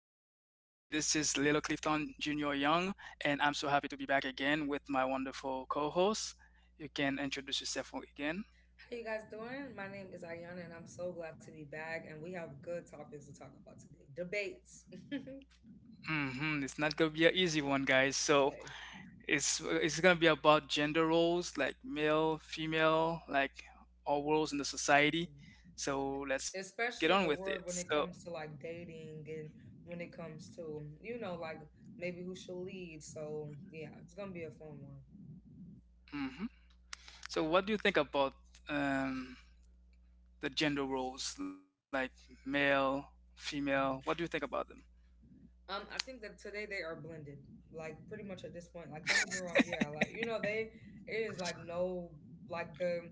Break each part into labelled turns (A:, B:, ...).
A: is Lilo Clifton Jr. Young, and I'm so happy to be back again with my wonderful co host. You can introduce yourself again.
B: How you guys doing? My name is Ayana, and I'm so glad to be back. And we have good topics to talk about today. Debates, right?
A: Hmm. It's not gonna be an easy one, guys. So it's gonna be about gender roles, like male, female, like all roles in the society.
B: Mhm.
A: So let's get on
B: Especially
A: with
B: in the
A: it.
B: world when it comes to like dating and when it comes to you know like maybe who should lead. So yeah, it's gonna be a fun one.
A: Hmm so what do you think about um, the gender roles like male, female? What do you think
B: Mhm.
A: about them?
B: I think that today they are blended. Like pretty much at this point, like don't get me wrong, yeah, like you know they it is like no like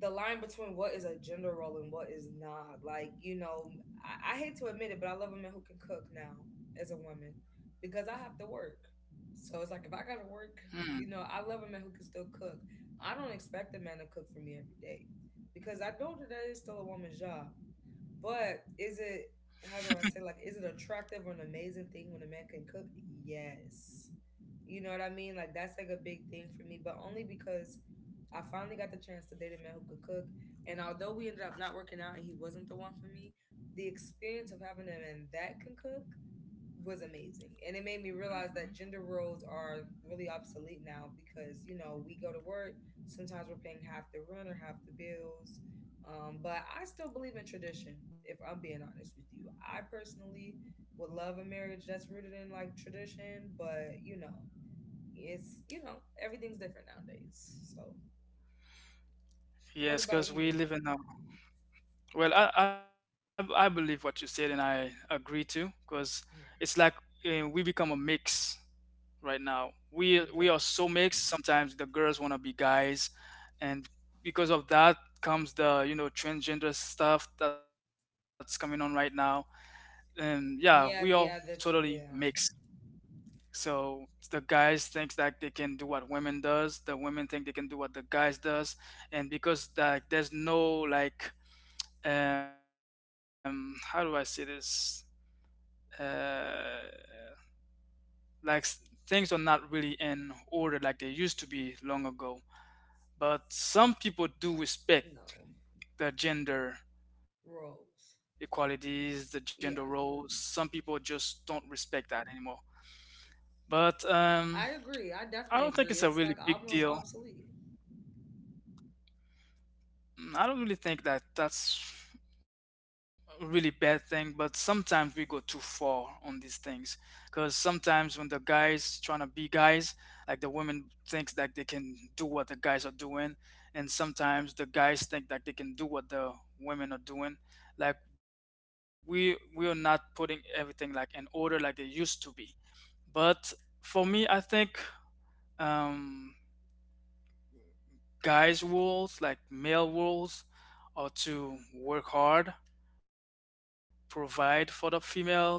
B: the line between what is a gender role and what is not. Like, you know, I hate to admit it, but I love a man who can cook now as a woman because I have to work. So it's like if I gotta work,
A: Hmm.
B: you know, I love a man who can still cook. I don't expect a man to cook for me every day because I know that that is still a woman's job. But is it how do I say like is it attractive or an amazing thing when a man can cook? Yes. You know what I mean? Like that's like a big thing for me, but only because I finally got the chance to date a man who could cook. And although we ended up not working out and he wasn't the one for me, the experience of having a man that can cook was amazing. And it made me
A: Hmm.
B: realize that gender roles are really obsolete now because, you know, we go to work, sometimes we're paying half the rent or half the bills. But I still believe in tradition, if I'm being honest with you. I personally would love a marriage that's rooted in like tradition, but, it's, you know, everything's different nowadays. So.
A: Yes,
B: What
A: because
B: about
A: we live
B: you?
A: in a Well, I believe what you said and I agree too, because it's like
B: No.
A: we become a mix right now. We are
B: Yeah.
A: so mixed. Sometimes the girls want to be guys, and because of that comes the you know transgender stuff that's coming on right now. And yeah, we all
B: Yeah,
A: totally
B: yeah, that's
A: mixed.
B: yeah.
A: So the guys thinks that they can do what women does, the women think they can do what the guys does, and because like there's no like how do I say this uh like s- Things are not really in order like they used to be long ago. But some people do respect
B: No.
A: the gender
B: Roles.
A: equalities, the gender roles. Some
B: Yeah.
A: people just don't respect that anymore. But
B: I agree. I
A: I don't think
B: definitely
A: it's a
B: agree.
A: really
B: It's like
A: big
B: almost
A: deal.
B: obsolete.
A: I don't really think that that's really bad thing, but sometimes we go too far on these things, because sometimes when the guys trying to be guys, like the women thinks that they can do what the guys are doing, and sometimes the guys think that they can do what the women are doing. Like we are not putting everything like in order like they used to be. But for me I think um guys roles, like male roles, are to work hard, provide for the females,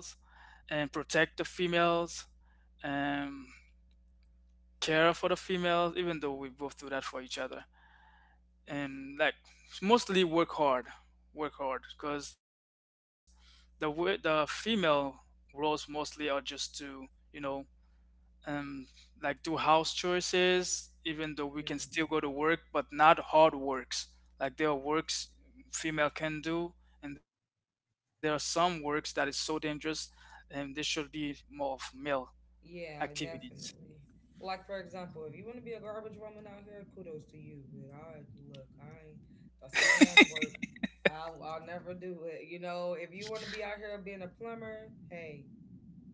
A: and protect the females, and care for the females, even though we both do that for each other. And like mostly work hard, because the the female roles mostly are just to, you know, um, like do house choices, even though we can
B: Mhm.
A: still go to work, but not hard works. Like there are works female can do, and there are some works that is so dangerous, and they should be more of male
B: Yeah,
A: activities.
B: definitely. Like for example, if you want to be a garbage woman out here, kudos to you. But I look, I ain't that's a man's work. I'll never do it. You know, if you want to be out here being a plumber, hey,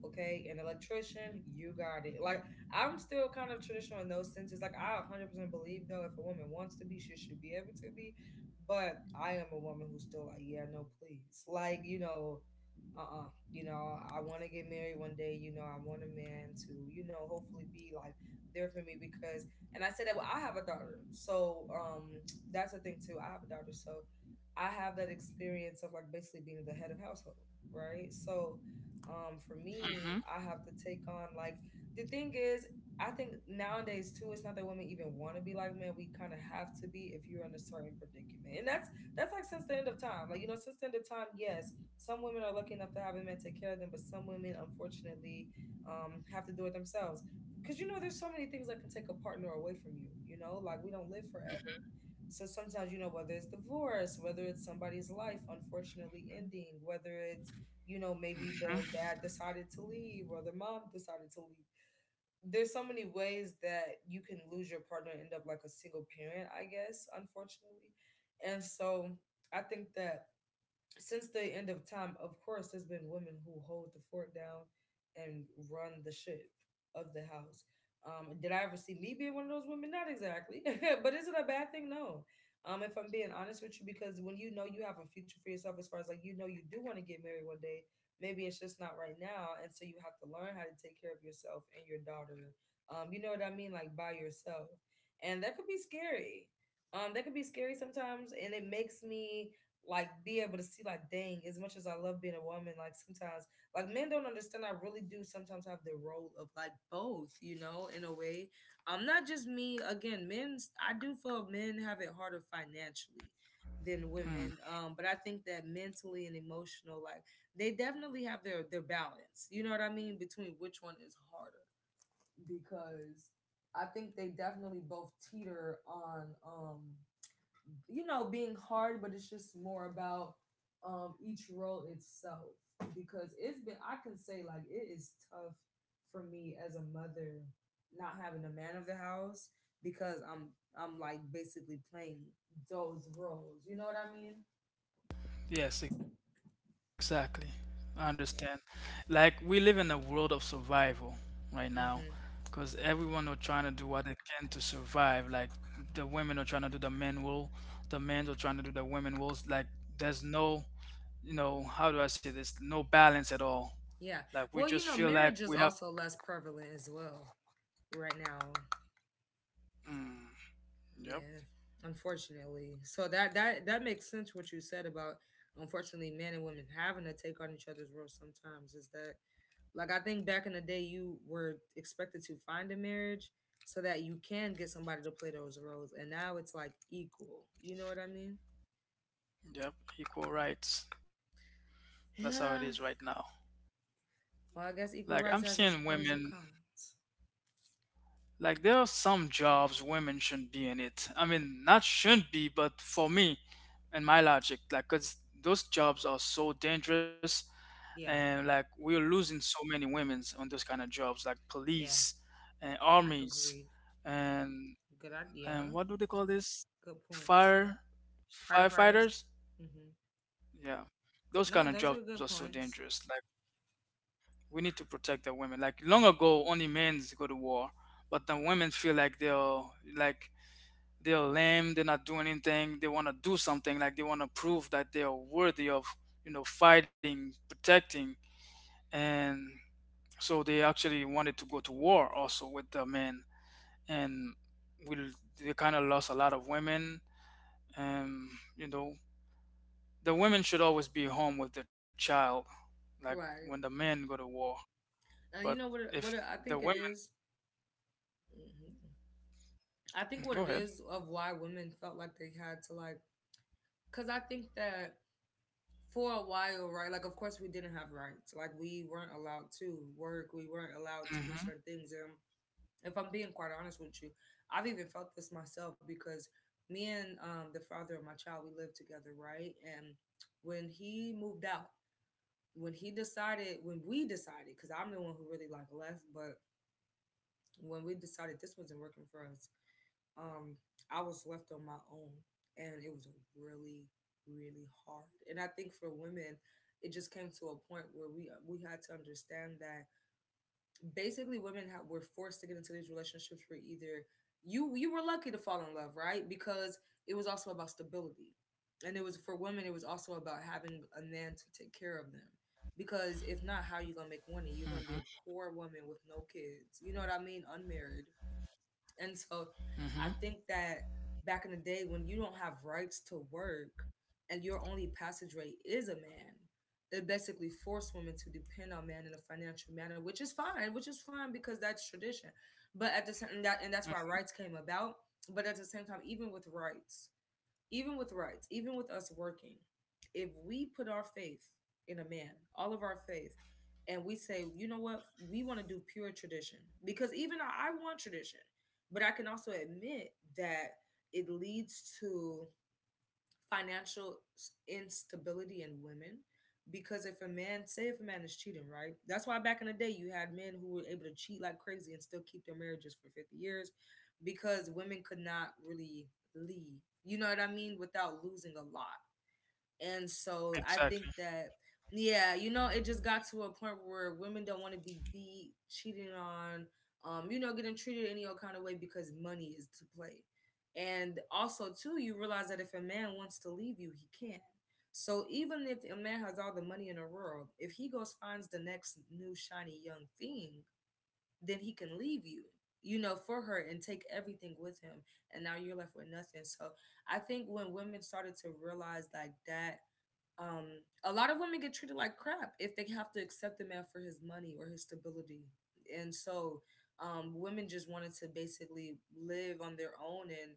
B: okay? An electrician, you got it. Like I'm still kind of traditional in those senses. Like I 100% believe though, if a woman wants to be, she should be able to be. But I am a woman who's still like, yeah, no, please. Like you know, uh-uh. You know, I want to get married one day. You know, I want a man to, you know, hopefully be like there for me because. And I said that well, I have a daughter, so that's the thing too. I have a daughter, so I have that experience of like basically being the head of household, right? So for
A: Hmm.
B: me I have to take on like the thing is I think nowadays too it's not that women even want to be like men we kind of have to be if you're in a certain predicament and that's like since the end of time like you know since the end of time yes some women are lucky enough to have a man take care of them but some women unfortunately have to do it themselves because you know there's so many things that can take a partner away from you you know like we don't live forever so sometimes you know whether it's divorce whether it's somebody's life unfortunately ending whether it's you know, maybe the dad decided to leave or the mom decided to leave. There's so many ways that you can lose your partner and end up like a single parent, I guess, unfortunately. And so I think that since the end of time, of course, there's been women who hold the fort down and run the ship of the house. Did I ever see me being one of those women? Not exactly. But is it a bad thing? No. If I'm being honest with you, because when you know you have a future for yourself, as far as like you know you do want to get married one day, maybe it's just not right now. And so you have to learn how to take care of yourself and your daughter. You know what I mean? Like by yourself. And that could be scary. That could be scary sometimes. And it makes me like be able to see like dang as much as I love being a woman like sometimes like men don't understand I really do sometimes have the role of like both you know in a way not just me again men's I do feel men have it harder financially than
A: Hmm.
B: women but I think that mentally and emotional like they definitely have their balance you know what I mean between which one is harder because I think they definitely both teeter on you know being hard but it's just more about each role itself because it's been I can say like it is tough for me as a mother not having a man of the house because i'm like basically playing those roles you know what I mean
A: Yes, exactly. I understand. Like we
B: yeah
A: live in a world of survival right now, because everyone
B: hmm.
A: are trying to do what they can to survive. Like the women are trying to do the men role, the men are trying to do the women roles. Like there's no, you know, how do I say this? No balance at all.
B: Yeah.
A: Like we
B: Well, you
A: just
B: know,
A: feel like
B: marriage is
A: we have.
B: also less prevalent as well right now.
A: Mm, yep,
B: Yeah, unfortunately. So that makes sense what you said about unfortunately men and women having to take on each other's roles sometimes is that like I think back in the day you were expected to find a marriage so that you can get somebody to play those roles and now it's like equal. You know what I mean?
A: yep. Equal rights. That's how it is
B: Yeah.
A: right now.
B: Well, I guess equal
A: Like I'm
B: rights has its
A: seeing
B: pros and
A: women.
B: cons.
A: Like there are some jobs women shouldn't be in it. I mean, not shouldn't be, but for me and my logic, like, 'cause those jobs are so dangerous,
B: Yeah.
A: and like we're losing so many women's on those kind of jobs, like
B: Yeah.
A: police and armies
B: Agreed.
A: and
B: Good
A: and
B: idea.
A: what do they call this?
B: Good points.
A: Fire
B: Firefighters.
A: Firefighters?
B: Mhm.
A: Yeah. Those
B: No,
A: kind of
B: those are
A: jobs are
B: good
A: so
B: points.
A: dangerous. Like we need to protect the women. Like long ago only men go to war, but the women feel like they're lame, they're not doing anything, they want to do something, like they want to prove that they are worthy of, you know, fighting, protecting, and so they actually wanted to go to war also with the men, and we they kind of lost a lot of women. And you know, the women should always be home with their child, like when the
B: Right.
A: men go to war. But
B: You know what?
A: if
B: I
A: the
B: think
A: women
B: it is. Mhm. I think what
A: go
B: it
A: ahead.
B: is of why women felt like they had to like, because I think that for a while, right? Like, of course, we didn't have rights. Like, we weren't allowed to work. We weren't allowed
A: Mm
B: to do
A: hmm
B: certain things. And if I'm being quite honest with you, I've even felt this myself because me and the father of my child, we lived together, right? And when he moved out, when we decided, because I'm the one who really like left, but when we decided this wasn't working for us um, I was left on my own, and it was really, really hard. And I think for women, it just came to a point where we had to understand that basically were forced to get into these relationships where either you were lucky to fall in love, right? Because it was also about stability, and it was for women. It was also about having a man to take care of them. Because if not, how you gonna make
A: mm
B: money? You're
A: hmm
B: gonna be a poor woman with no kids. You know what I mean? Unmarried. And so
A: mm
B: I think that back in the day when you don't have rights to work and your only passage rate is a man, it basically forced women to depend on men in a financial manner, which is fine because that's tradition. But at the same and that and that's why
A: hmm
B: rights came about. But at the same time, even with rights, even with us working, if we put our faith in a man, all of our faith, and we say, you know what, we want to do pure tradition, because even I want tradition, but I can also admit that it leads to financial instability in women because if a man is cheating right that's why back in the day you had men who were able to cheat like crazy and still keep their marriages for 50 years because women could not really leave you know what I mean without losing a lot. And so I think
A: exactly.
B: that, yeah, you know, it just got to a point where women don't want to be beat, cheated on, you know, getting treated any old kind of way because money is to play. And also, too, you realize that if a man wants to leave you, he can. So even if a man has all the money in the world, if he goes finds the next new shiny young thing, then he can leave you, you know, for her and take everything with him. And now you're left with nothing. So I think when women started to realize like that a lot of women get treated like crap if they have to accept a man for his money or his stability. And so women just wanted to basically live on their own and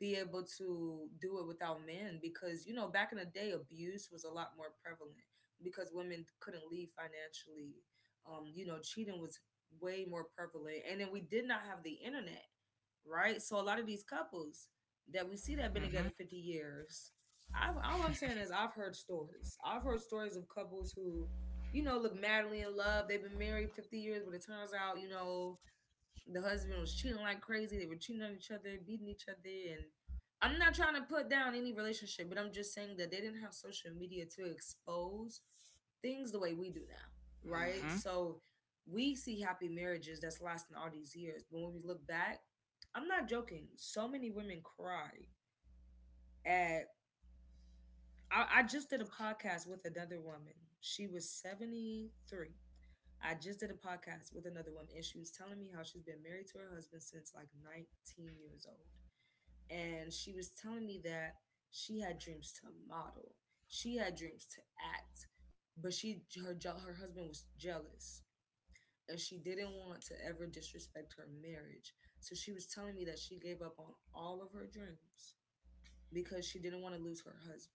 B: be able to do it without men because, you know, back in the day, abuse was a lot more prevalent because women couldn't leave financially. You know, cheating was way more prevalent. And then we did not have the internet, right? So a lot of these couples that we see that have been together
A: Hmm.
B: 50 years, all I'm saying is I've heard stories. I've heard stories of couples who, you know, look madly in love. They've been married 50 years, but it turns out, you know, the husband was cheating like crazy. They were cheating on each other, beating each other. And I'm not trying to put down any relationship, but I'm just saying that they didn't have social media to expose things the way we do now,
A: Hmm.
B: right? So we see happy marriages that's lasting all these years. But when we look back, I'm not joking. So many women cry at I just did a podcast with another woman. She was 73. I just did a podcast with another woman, and she was telling me how she's been married to her husband since like 19 years old. And she was telling me that she had dreams to model, she had dreams to act, but she her her husband was jealous, and she didn't want to ever disrespect her marriage. So she was telling me that she gave up on all of her dreams because she didn't want to lose her husband.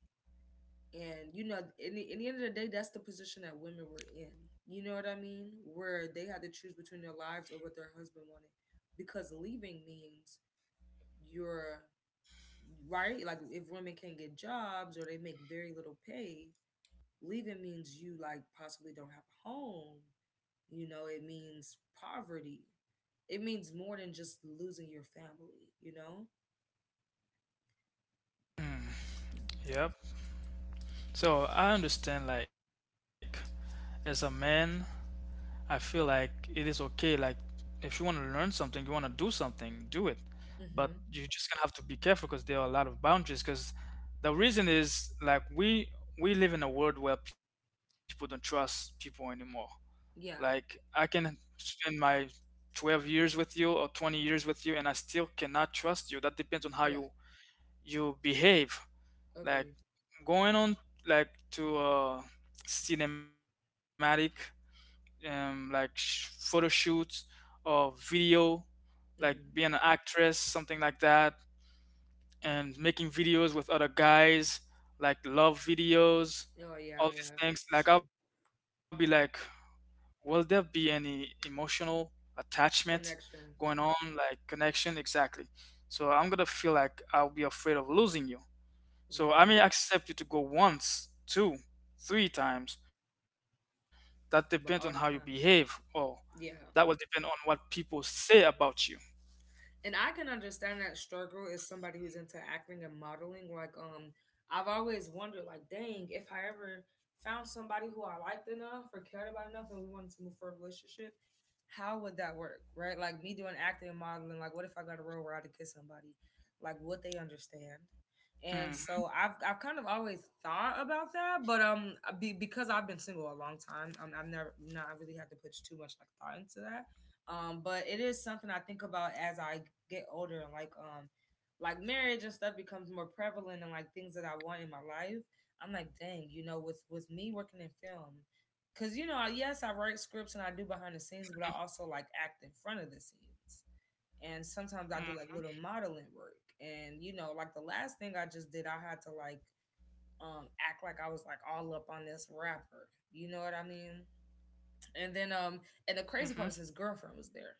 B: And you know, in the end of the day, that's the position that women were in. You know what I mean? Where they had to choose between their lives or what their husband wanted, because leaving means you're right. Like if women can't get jobs or they make very little pay, leaving means you like possibly don't have a home. You know, it means poverty. It means more than just losing your family. You know?
A: Mm, yep. So I understand, like as a man, I feel like it is okay, like if you want to learn something, you want to do something, do it. But
B: Mm-hmm.
A: you just gonna have to be careful because there are a lot of boundaries, because the reason is like we live in a world where people don't trust people anymore.
B: Yeah.
A: Like I can spend my 12 years with you or 20 years with you and I still cannot trust you. That depends
B: Yeah.
A: on how you behave.
B: Agreed.
A: Like going on like to cinematic photo shoots or video,
B: Mm-hmm.
A: like being an actress something like that, and making videos with other guys, like love
B: Oh yeah.
A: videos,
B: Yeah.
A: all these
B: Sure.
A: things, like I'll be like, will there be any emotional attachment
B: Connection.
A: going on, like connection, exactly. So I'm gonna feel like I'll be afraid of losing you.
B: Mhm.
A: So I may accept you to go once, two, three times. That depends on
B: But
A: how
B: all
A: you
B: the time.
A: behave, or
B: Yeah.
A: that will depend on what people say about you.
B: And I can understand that struggle is somebody who's into acting and modeling. Like, I've always wondered, like, dang, if I ever found somebody who I liked enough or cared about enough and we wanted to move for a relationship, how would that work? Right? Like me doing acting and modeling, like what if I got a role where I had to kiss somebody? Like would they understand? And so I've
A: Hmm.
B: kind of always thought about that, but because I've been single a long time, I've never not really had to put too much like thought into that. But it is something I think about as I get older and like marriage and stuff becomes more prevalent and like things that I want in my life, I'm like, dang, you know, with me working in film, because you know yes I write scripts and I do behind the scenes but I also like act in front of the scenes and sometimes I do like little modeling work. And you know like the last thing I just did I had to like act like I was like all up on this rapper, you know what I mean? and then um and the crazy part is
A: Hmm.
B: his girlfriend was there.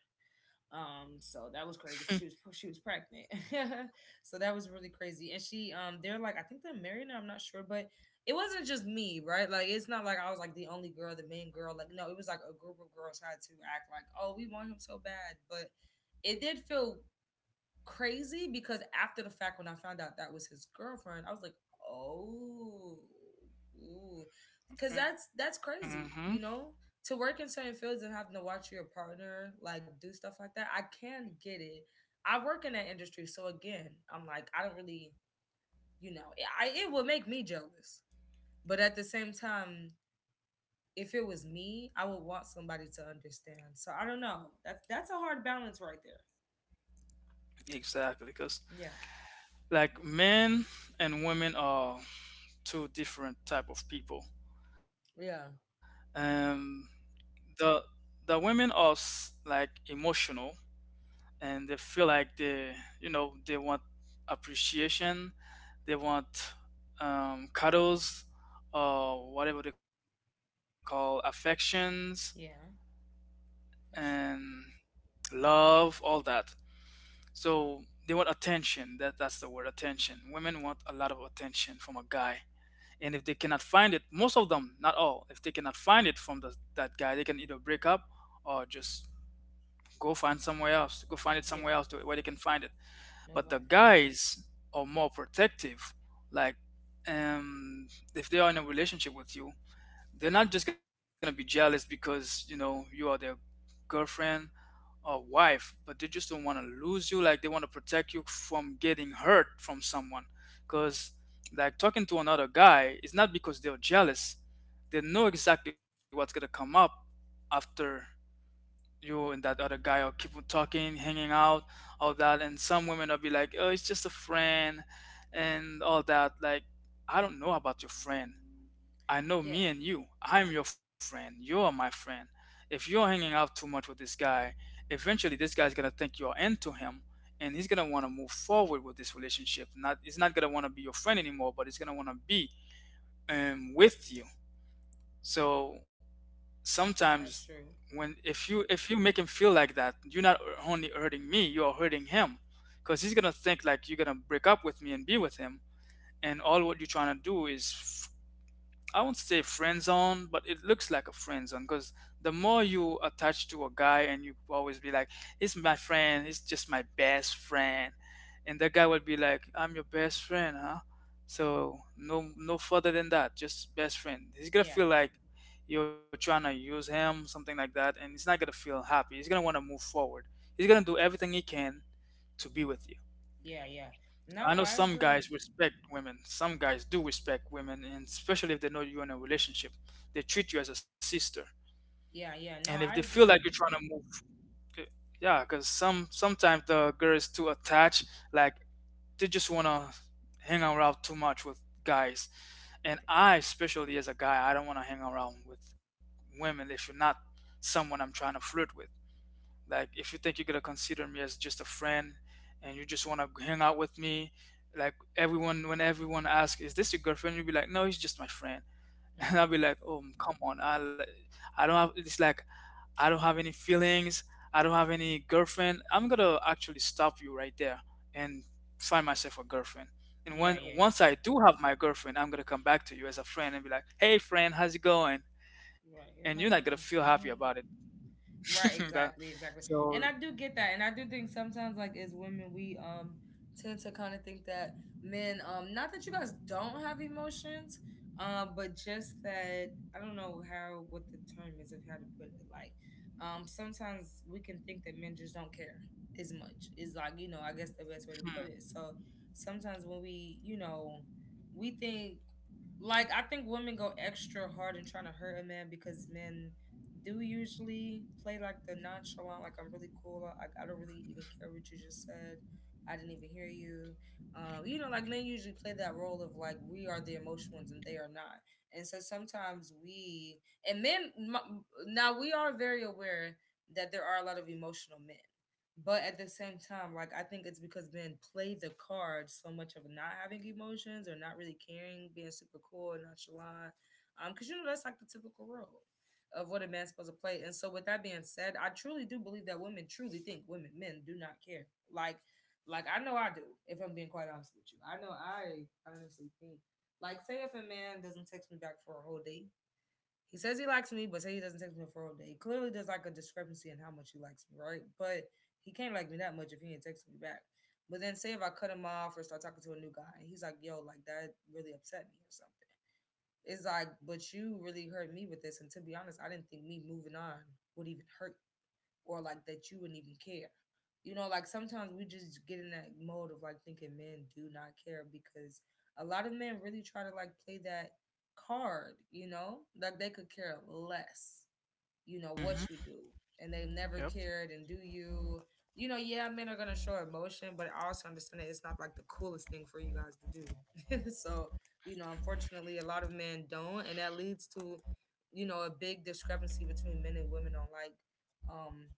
B: So that was crazy 'cause she was pregnant. So that was really crazy. And she they're like, I think they're married now, I'm not sure, but it wasn't just me, right? Like it's not like I was like the only girl, the main girl. Like no, it was like a group of girls had to act like, "Oh, we want him so bad." But it did feel crazy because after the fact, when I found out that was his girlfriend, I was like, oh, because that's crazy,
A: Hmm.
B: you know, to work in certain fields and having to watch your partner like do stuff like that. I can get it. I work in that industry, so again, I'm like, I don't really, you know, I it would make me jealous, but at the same time. If it was me, I would want somebody to understand. So I don't know. That's a hard balance right there. Yeah.
A: Exactly, because like men and women are two different type of people.
B: Yeah.
A: Um, the women are like emotional, and they feel like they, you know, they want appreciation, they want cuddles or whatever they call affections
B: Yeah. That's
A: and love all that. So they want attention. That that's the word, attention. Women want a lot of attention from a guy, and if they cannot find it, most of them not all, if they cannot find it from the, that guy, they can either break up or just go find somewhere else, go find it
B: yeah.
A: somewhere else where they can find it. But the
B: November.
A: guys are more protective. Like, um, if they are in a relationship with you, they're not just gonna be jealous because you know you are their girlfriend or wife, but they just don't want to lose you. Like, they want to protect you from getting hurt from someone. Because, like, talking to another guy is not because they're jealous. They know exactly what's gonna come up after you and that other guy will keep on talking, hanging out, all that. And some women will be like, oh, it's just a friend and all that. Like, I don't know about your friend. I know
B: Yeah,
A: me and you. I'm your friend. You are my friend. If you're hanging out too much with this guy, eventually this guy's gonna think you're into him and he's gonna wanna move forward with this relationship. Not he's not gonna wanna be your friend anymore, but he's gonna wanna be with you. So sometimes
B: that's true.
A: when if you make him feel like that, you're not only hurting me, you're hurting him, because he's gonna think like you're gonna break up with me and be with him, and all what you're trying to do is, I won't say friend zone, but it looks like a friend zone, because the more you attach to a guy and you always be like, he's my friend, he's just my best friend. And the guy will be like, I'm your best friend, huh? So no, no further than that, just best friend. He's gonna
B: Yeah,
A: feel like you're trying to use him, something like that, and he's not gonna feel happy. He's gonna wanna move forward. He's gonna do everything he can to be with you.
B: yeah, yeah. No,
A: I know
B: I
A: some
B: agree.
A: guys respect women. Some guys do respect women, and especially if they know you're in a relationship, they treat you as a sister.
B: Yeah, yeah. No,
A: And if they
B: I
A: feel like you're
B: agree.
A: trying to move, c- yeah, because some sometimes the girls too attached, like they just wanna hang around too much with guys. And I, especially as a guy, I don't wanna hang around with women if you're not someone I'm trying to flirt with. Like, if you think you're gonna consider me as just a friend and you just wanna hang out with me, like everyone, when everyone asks, "Is this your girlfriend?" You'll be like, "No, he's just my friend," and I'll
B: Hmm.
A: be like, "Oh, come on, I don't have." It's like I don't have any feelings. I don't have any girlfriend. I'm gonna actually stop you right there and find myself a girlfriend. And when
B: Yeah, yeah.
A: once I do have my girlfriend, I'm gonna come back to you as a friend and be like, "Hey, friend, how's it going?"
B: Right.
A: And you're
B: Here's
A: not
B: my
A: gonna
B: girlfriend.
A: feel happy
B: Hmm.
A: about it.
B: Right,
A: That,
B: exactly, exactly.
A: so,
B: And I do get that. And I do think sometimes like as women we tend to kind of think that men not that you guys don't have emotions, but just that I don't know how what the term is of how to put it like sometimes we can think that men just don't care as much. Is like, you know, I guess the best way to
A: hmm,
B: put it. So sometimes when we, you know, we think like I think women go extra hard in trying to hurt a man because men do usually play like the nonchalant, like I'm really cool. I don't really even care what you just said. I didn't even hear you. You know, like men usually play that role of like we are the emotional ones and they are not. And so sometimes we and men m- now we are very aware that there are a lot of emotional men, but at the same time, like I think it's because men play the card so much of not having emotions or not really caring, being super cool and nonchalant. Because you know that's like the typical role of what a man's supposed to play. And so with that being said, I truly do believe that women truly think women men do not care. Like I know I do, if I'm being quite honest with you. I know I honestly think like say if a man doesn't text me back for a whole day, he says he likes me, but say he doesn't text me for a whole day. Clearly there's like a discrepancy in how much he likes me, right? But he can't like me that much if he ain't texting me back. But then say if I cut him off or start talking to a new guy, and he's like, yo, like that really upset me or something. It's like, but you really hurt me with this. And to be honest, I didn't think me moving on would even hurt or like that you wouldn't even care. You know, like sometimes we just get in that mode of like thinking men do not care because a lot of men really try to like play that card, you know, like they could care less,
A: mhm,
B: you know what you do,
A: yep.
B: and they've never cared. And do you you know, yeah, men are gonna show emotion, but I also understand that it's not like the coolest thing for you guys to do. So you know unfortunately a lot of men don't, and that leads to you know a big discrepancy between men and women on um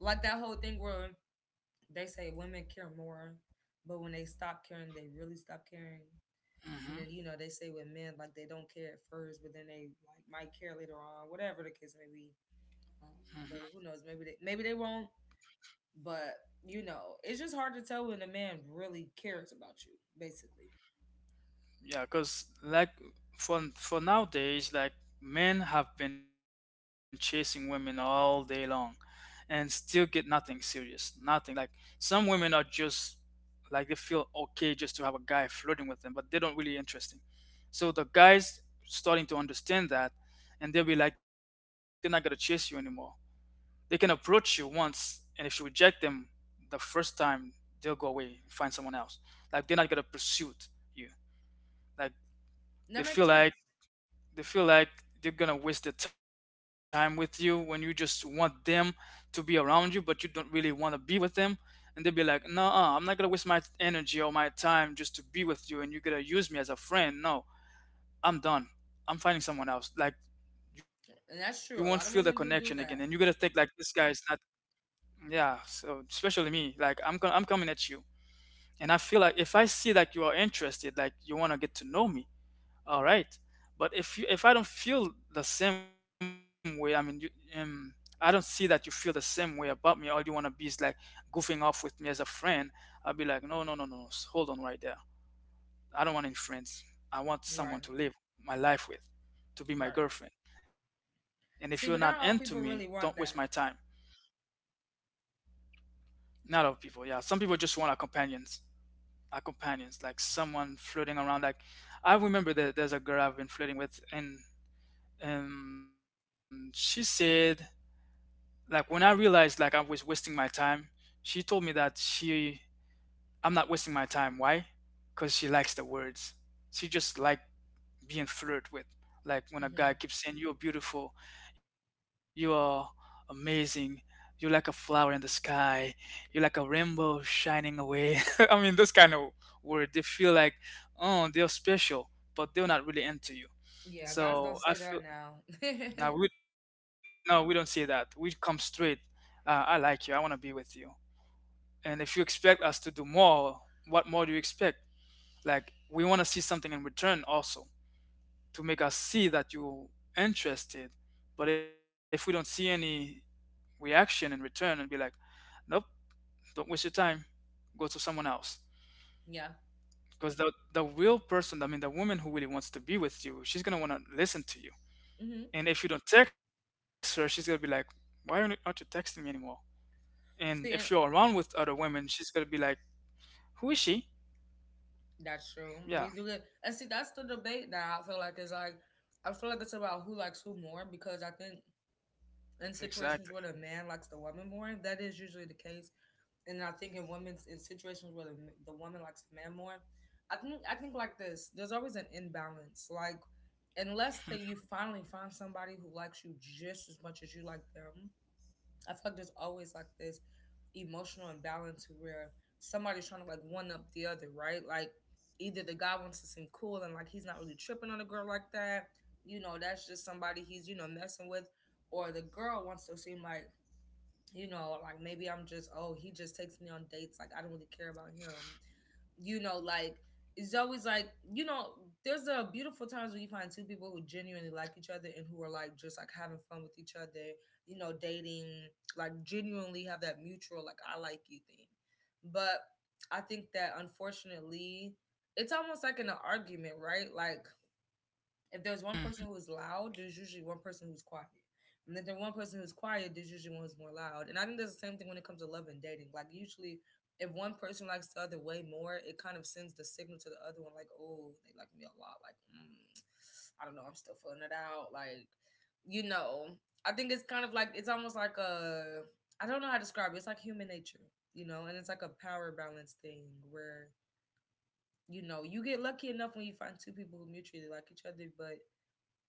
B: like that whole thing where they say women care more but when they stop caring they really stop caring, and
A: Mm-hmm,
B: then you know they say with men like they don't care at first but then they like might care later on, whatever the case may be.
A: mm-hmm.
B: um, but who knows? Maybe they won't. But you know, it's just hard to tell when a man really cares about you. Basically,
A: Yeah, because like for nowadays, like men have been chasing women all day long, and still get nothing serious, nothing. Like some women are just like they feel okay just to have a guy flirting with them, but they don't really interesting. So the guys starting to understand that, and they'll be like, they're not gonna chase you anymore. They can approach you once, and if you reject them the first time, they'll go away, find someone else. Like they're not gonna pursue you. Like
B: and that
A: they
B: makes
A: feel
B: sense,
A: like they feel like they're gonna waste their time with you when you just want them to be around you, but you don't really want to be with them. And they'll be like, "No, I'm not gonna waste my energy or my time just to be with you, and you're gonna use me as a friend. No, I'm done. I'm finding someone else." Like
B: and
A: you won't
B: that's true.
A: feel
B: A
A: the
B: lot of women
A: connection
B: do
A: again,
B: do
A: and you're gonna
B: that.
A: think like this guy is not. Yeah, so especially me, like I'm coming at you, and I feel like if I see like you are interested, like you wanna get to know me. All right. But if I don't feel the same way, I mean, you, um, I don't see that you feel the same way about me. All you wanna be is like goofing off with me as a friend. I'll be like, no, no, no, no, no. Hold on right there. I don't want any friends.
B: Right,
A: I want someone to live my life with,
B: right.
A: to be my girlfriend. And if
B: See,
A: you're
B: but not
A: not
B: all
A: into
B: people really
A: me,
B: want
A: don't waste
B: that.
A: my time. Not all people, yeah. Some people just want a companions, like someone flirting around. Like I remember that there's a girl I've been flirting with, and she said like when I realized like I was wasting my time, she told me that she I'm not wasting my time. Why? Because she likes the words. She just like being flirted with.
B: Hmm.
A: Like when a guy keeps saying you're beautiful, you are amazing, you're like a flower in the sky, you're like a rainbow shining away. I mean those kind of words. They feel like oh they're special, but they're not really into you.
B: Yeah, guys don't say that
A: So I
B: now.
A: feel no, we no, we don't say that. We come straight. I like you. I want to be with you. And if you expect us to do more, what more do you expect? Like we want to see something in return also to make us see that you interested. But if we don't see any reaction in return and be like, nope, don't waste your time, go to someone else.
B: Yeah.
A: Because the real person, I mean, the woman who really wants to be with you, she's gonna want to listen to you.
B: Hmm.
A: And if you don't text her, she's gonna be like, why aren't you texting me anymore? And if
B: See,
A: you're
B: and
A: around with other women, she's gonna be like, "Who is she?"
B: that's true.
A: Yeah,
B: We do it, and see, that's the debate that I feel like is like, I feel like it's about who likes who more because I think
A: exactly.
B: in situations where the man likes the woman more, that is usually the case. And I think in situations where the woman likes the man more, I think like this. There's always an imbalance. Like unless that you finally find somebody who likes you just as much as you like them, I feel like there's always like this emotional imbalance to where somebody's trying to like one up the other, right? Like either the guy wants to seem cool and like he's not really tripping on a girl like that, you know, that's just somebody he's you know messing with, or the girl wants to seem like you know, like maybe I'm just, oh, he just takes me on dates. Like, I don't really care about him. Like, it's always like, there's a beautiful times when you find two people who genuinely like each other and who are like just like having fun with each other, dating, like genuinely have that mutual, like, I like you thing. But I think that unfortunately, it's almost like in an argument, right? Like, if there's one person who
A: Mhm,
B: is loud, there's usually one person who's quiet. And then the one person who's quiet, there's usually one who's more loud. And I think that's the same thing when it comes to love and dating. Like usually if one person likes the other way more, it kind of sends the signal to the other one, like, oh, they like me a lot. Like, I don't know, I'm still feeling it out. Like, you know, I think it's kind of like it's almost like a I don't know how to describe it. It's like human nature, and it's like a power balance thing where you know you get lucky enough when you find two people who mutually like each other, but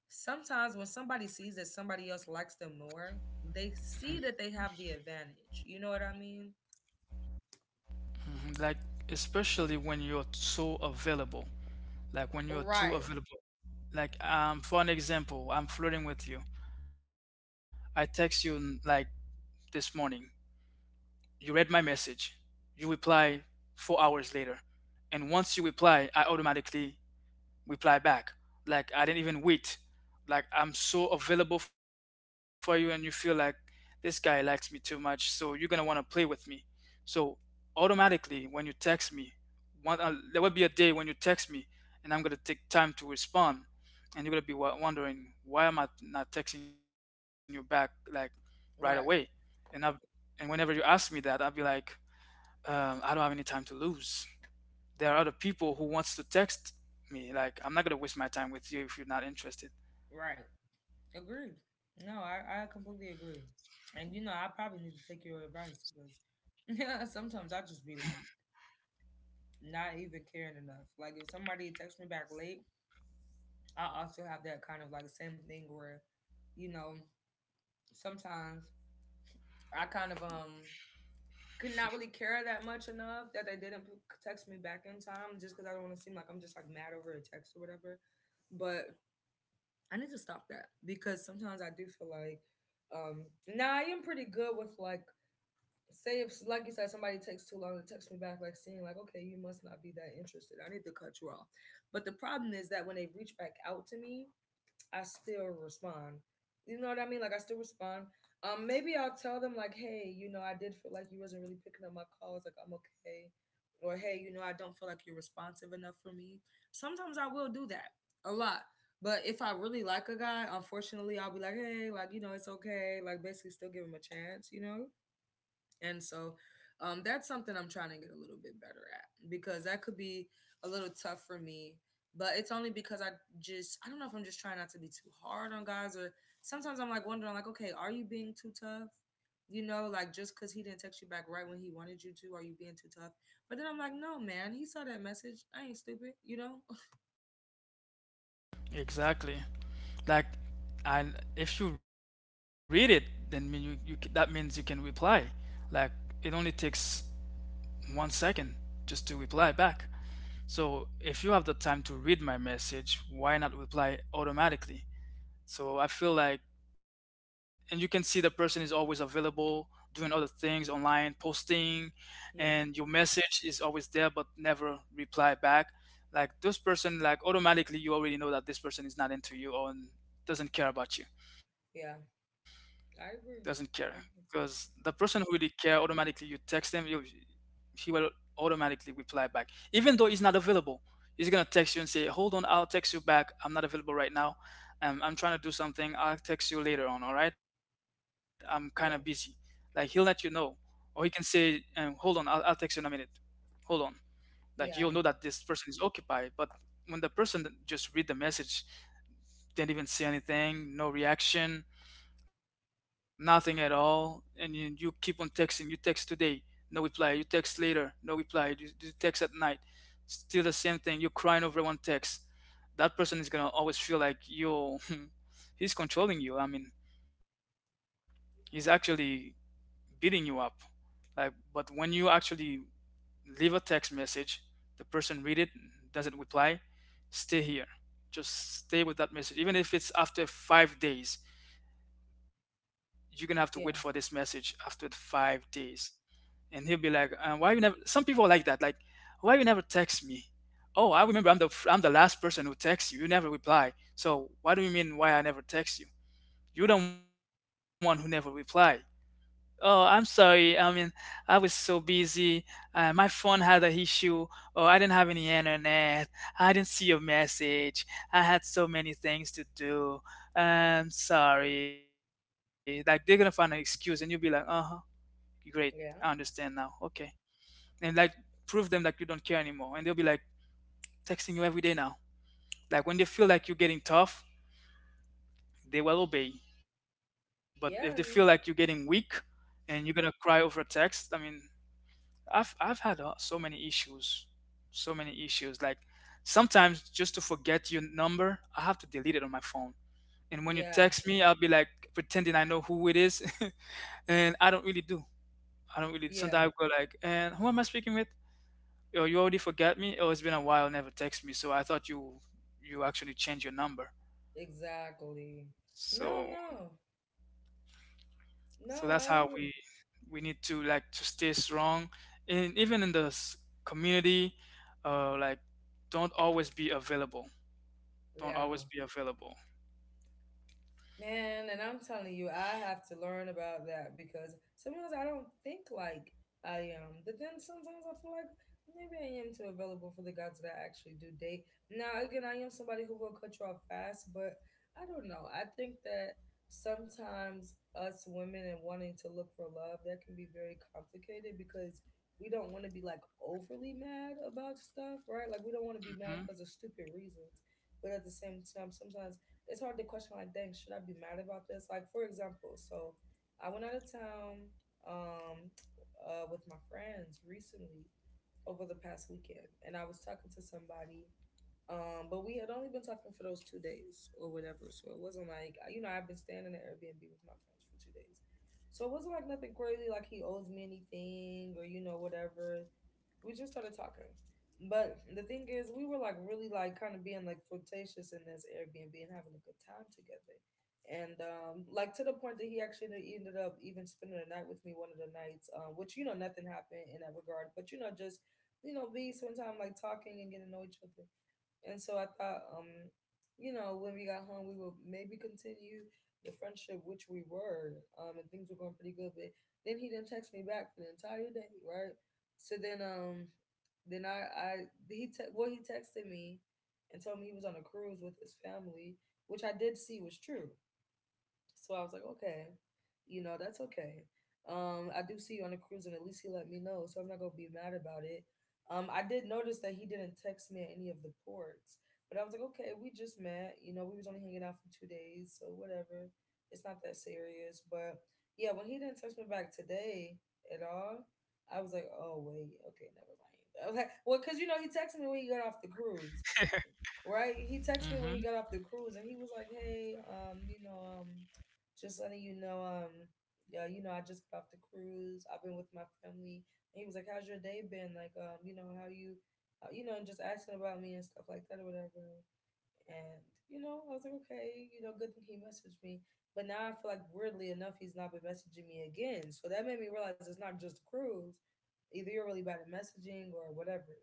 B: sometimes when somebody sees that somebody else likes them more, they see that they have the advantage. You know what I mean?
A: mhm. Like especially when you're so available. Like when you're too
B: Right,
A: available. Like for an example, I'm flirting with you. I text you like this morning. You read my message. You reply 4 hours later. And once you reply, I automatically reply back. Like I didn't even wait. Like I'm so available for you and you feel like this guy likes me too much, so you're gonna wanna play with me. So automatically when you text me, one there will be a day when you text me and I'm gonna take time to respond and you're gonna be wondering why am I not texting you back like right away?
B: right,
A: And I and whenever you ask me that, I'll be like, I don't have any time to lose, there are other people who wants to text me. Like I'm not gonna waste my time with you if you're not interested.
B: right. Agreed. No, I completely agree. And I probably need to take your advice because yeah, sometimes I just be like not even caring enough. Like if somebody texts me back late, I also have that kind of like same thing where, you know, sometimes I kind of could not really care that much enough that they didn't text me back in time just because I don't want to seem like I'm just like mad over a text or whatever. But I need to stop that because sometimes I do feel like, um, now I am pretty good with like, say if like you said somebody takes too long to text me back, like seeing like okay you must not be that interested. I need to cut you off. But the problem is that when they reach back out to me, I still respond. You know what I mean? Like I still respond. Maybe I'll tell them like, hey, you know, I did feel like you wasn't really picking up my calls. Like I'm okay, or hey, you know, I don't feel like you're responsive enough for me. Sometimes I will do that a lot. But if I really like a guy, unfortunately, I'll be like, hey, like you know, it's okay. Like basically, still give him a chance. You know. And so that's something I'm trying to get a little bit better at because that could be a little tough for me. But it's only because I just, I don't know if I'm just trying not to be too hard on guys or sometimes I'm like wondering, like, okay, are you being too tough? You know, like just because he didn't text you back right when he wanted you to, are you being too tough? But then I'm like, no, man, he saw that message. I ain't stupid, you know?
A: Exactly. Like and if you read it then mean you, that means you can reply. Like it only takes 1 second just to reply back. So if you have the time to read my message, why not reply automatically? So I feel like, and you can see the person is always available, doing other things online, posting,
B: Yeah,
A: and your message is always there, but never reply back. Like this person, like automatically, you already know that this person is not into you or doesn't care
B: yeah,
A: about you,
B: I agree.
A: doesn't
B: I
A: care.
B: agree.
A: Because the person who really care, automatically you text him, you he will automatically reply back even though he's not available. He's gonna text you and say hold on, I'll text you back, I'm not available right now. I'm trying to do something, I'll text you later on. All right, I'm kind
B: Yeah,
A: of busy. Like he'll let you know. Or he can say hold on, I'll text you in a minute. Hold on.
B: yeah,
A: Like you'll know that this person is occupied. But when the person that just read the message didn't even say anything, no reaction, nothing at all, and you keep on texting. You text today, no reply. You text later, no reply. You text at night, still the same thing. You're crying over one text. That person is gonna always feel like you he's controlling you. I mean, he's actually beating you up. Like but when you actually leave a text message, the person read it, doesn't reply, stay here, just stay with that message. Even if it's after 5 days, you're gonna have to
B: yeah,
A: wait for this message after the 5 days. And he'll be like, why you never? Some people are like that, like, why you never text me? Oh, I remember I'm the last person who texts you. You never reply. So why do you mean why I never text you? You're the one who never reply. Oh, I'm sorry. I mean, I was so busy. My phone had an issue, or I didn't have any internet. I didn't see your message. I had so many things to do. I'm sorry. Like, they're gonna find an excuse, and you'll be like, uh huh, great.
B: yeah,
A: I understand now. Okay. And like, prove them that you don't care anymore. And they'll be like texting you every day now. Like, when they feel like you're getting tough, they will obey. But if
B: yeah,
A: they feel like you're getting weak and you're gonna cry over a text, I mean, I've had so many issues, so many issues. Like sometimes just to forget your number, I have to delete it on my phone. And when you
B: yeah,
A: text me, I'll be like pretending I know who it is, and I don't really do. I don't really.
B: yeah.
A: Sometimes I go like, and who am I speaking with? Oh, you already forgot me. Oh, it's been a while, never text me. So I thought you you actually changed your number.
B: Exactly. No,
A: So
B: no,
A: so
B: no,
A: that's
B: I
A: how
B: agree.
A: we need to like to stay strong, and even in the community, like don't always be available. Don't
B: Yeah.
A: always be available.
B: Man, and I'm telling you, I have to learn about that because sometimes I don't think like I am, but then sometimes I feel like maybe I am too available for the guys that I actually do date. Now, again, I am somebody who will cut you off fast, but I don't know. I think that sometimes us women and wanting to look for love, that can be very complicated because we don't want to be like overly mad about stuff, right? Like we don't want to be
A: Hmm.
B: mad because of stupid reasons. But at the same time, sometimes it's hard to question like dang should I be mad about this? Like for example, so I went out of town um with my friends recently over the past weekend and I was talking to somebody, but we had only been talking for those 2 days or whatever, so it wasn't like you know I've been staying in an Airbnb with my friends for 2 days, so it wasn't like nothing crazy like he owes me anything or you know whatever. We just started talking, but the thing is we were like really like kind of being like flirtatious in this Airbnb and having a good time together, and like to the point that he actually ended up even spending the night with me one of the nights, which you know nothing happened in that regard, but you know just you know be spend time like talking and getting to know each other. And so I thought, when we got home, we would maybe continue the friendship, which we were, and things were going pretty good. But then he didn't text me back for the entire day, right? So then, then I, I well, he texted me and told me he was on a cruise with his family, which I did see was true, so I was like, okay, you know, that's okay. I do see you on the cruise, and at least he let me know, so I'm not gonna be mad about it. I did notice that he didn't text me at any of the ports, but I was like, okay, we just met. You know, we was only hanging out for 2 days, so whatever. It's not that serious. But yeah, when he didn't text me back today at all, I was like, oh wait, okay, never mind. I was like, well, cause you know he texted me when he got off the cruise, right? He
A: Hmm.
B: texted me when he got off the cruise, and he was like, "Hey, you know, just letting you know, yeah, you know, I just got off the cruise. I've been with my family." And he was like, "How's your day been? Like, you know, how you, you know, and just asking about me and stuff like that or whatever." And, you know, I was like, okay, you know, good thing he messaged me. But now I feel like, weirdly enough, he's not been messaging me again. So that made me realize it's not just the cruise. Either you're really bad at messaging or whatever.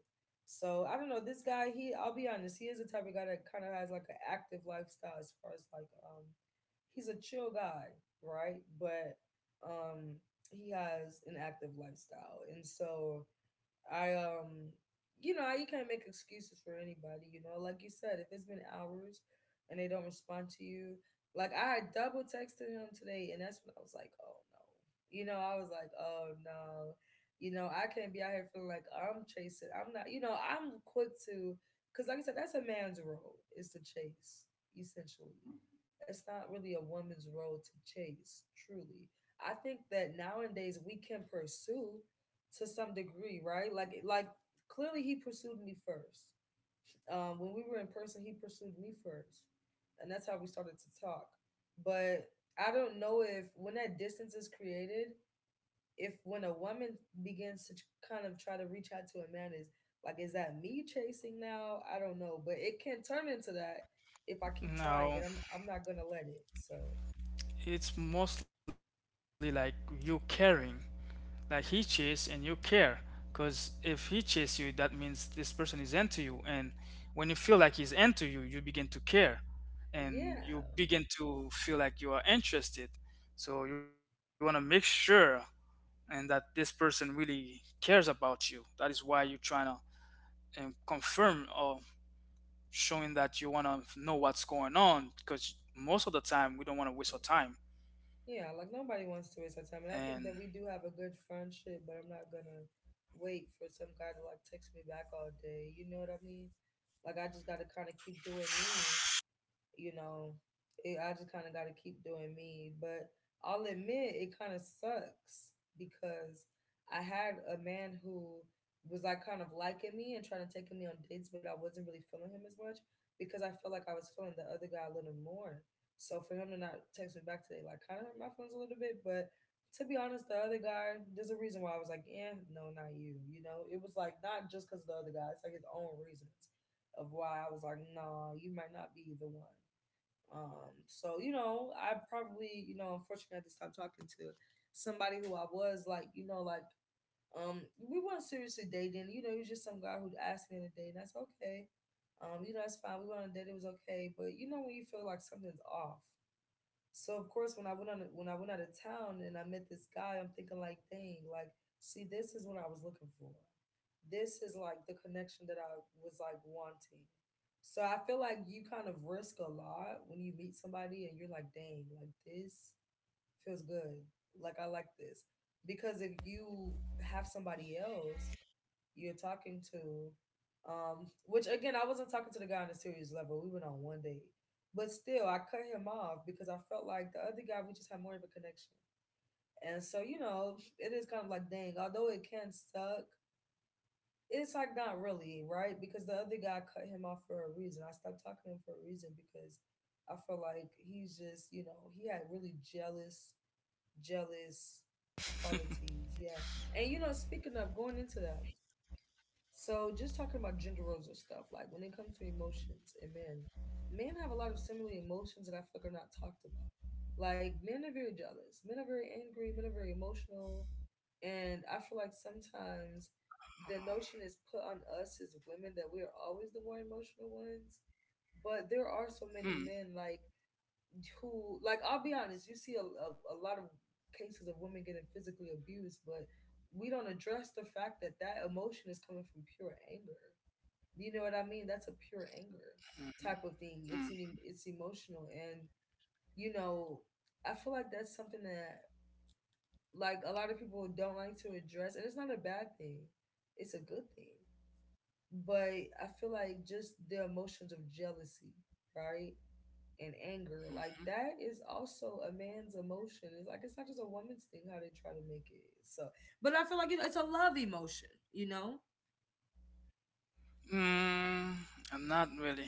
B: So I don't know. This guy, I'll be honest, he is the type of guy that kind of has like an active lifestyle as far as like, he's a chill guy, right? But, um, he has an active lifestyle. And so, I you know, you can't make excuses for anybody, you know. Like you said, if it's been hours and they don't respond to you, like I double texted him today and that's when I was like, "Oh no." You know, I was like, "Oh no." You know, I can't be out here feeling like I'm chasing. I'm not, you know, I'm quick to cuz like I said, that's a man's role is to chase essentially. It's not really a woman's role to chase, truly. I think that nowadays we can pursue to some degree, right? Like clearly he pursued me first. When we were in person, he pursued me first, and that's how we started to talk. But I don't know if when that distance is created, if when a woman begins to kind of try to reach out to a man, is like, is that me chasing now? I don't know, but it can turn into that if I keep trying,
A: Now
B: and I'm not gonna let it. So
A: it's mostly like you caring, like he chase and you care, because if he chase you, that means this person is into you, and when you feel like he's into you, you begin to care,
B: yeah.
A: and you begin to feel like you are interested. So you want to make sure and that this person really cares about you. That is why you're trying to confirm or showing that you want to know what's going on because most of the time we don't want to waste our
B: Yeah,
A: time.
B: like nobody wants to waste our time. And I think
A: And
B: that we do have a good friendship, but I'm not gonna wait for some guy to like text me back all day. You know what I mean? Like I just gotta kinda keep doing me you know, I just kind of got to keep doing me. But I'll admit, it kind of sucks because I had a man who was like kind of liking me and trying to take me on dates, but I wasn't really feeling him as much because I felt like I was feeling the other guy a little more. So for him to not text me back today, like kind of hurt my feelings a little bit. But to be honest, the other guy, there's a reason why I was like, yeah, no, not you. You know, it was like not just because of the other guy, it's like his own reasons of why I was like, nah, you might not be the one. So you know, I probably you know unfortunately had to stop talking to somebody who I was like you know like we weren't seriously dating. You know, it was just some guy who asked me on a date, and that's okay. You know, that's fine. We went on a date; it was okay. But you know, when you feel like something's off, so of course, when I went out of town and I met this guy, I'm thinking like, dang, like, see, this is what I was looking for. This is like the connection that I was like wanting. So I feel like you kind of risk a lot when you meet somebody and you're like, dang, like this feels good. Like I like this. Because if you have somebody else you're talking to, which again I wasn't talking to the guy on a serious level. We went on one date. But still I cut him off because I felt like the other guy we just had more of a connection. And so, you know, it is kind of like dang, although it can suck, it's like not really, right? Because the other guy cut him off for a reason. I stopped talking to him for a reason because I felt like he's just, you know, he had really jealous qualities. Yeah. And you know, speaking of going into that, so just talking about gender roles and stuff, like when it comes to emotions and men, men have a lot of similar emotions that I feel like are not talked about. Like men are very jealous, men are very angry, men are very emotional. And I feel like sometimes the
A: uh,
B: notion is put on us as women that we are always the more emotional ones. But there are so many men,
A: mm,
B: like who like I'll be honest, you see a lot of cases of women getting physically abused, but we don't address the fact that that emotion is coming from pure anger. You know what I mean? That's a pure anger type of
A: mhm,
B: thing. It's it's
A: mm,
B: emotional, and you know, I feel like that's something that like a lot of people don't like to address, and it's not a bad thing. It's a good thing, but I feel like just the emotions of jealousy, right? And anger. Like
A: mhm.
B: that is also a man's emotion. It's like it's not just a woman's thing how they try to make it. So, but I feel like it's a love emotion. You know,
A: Mm, I'm not really.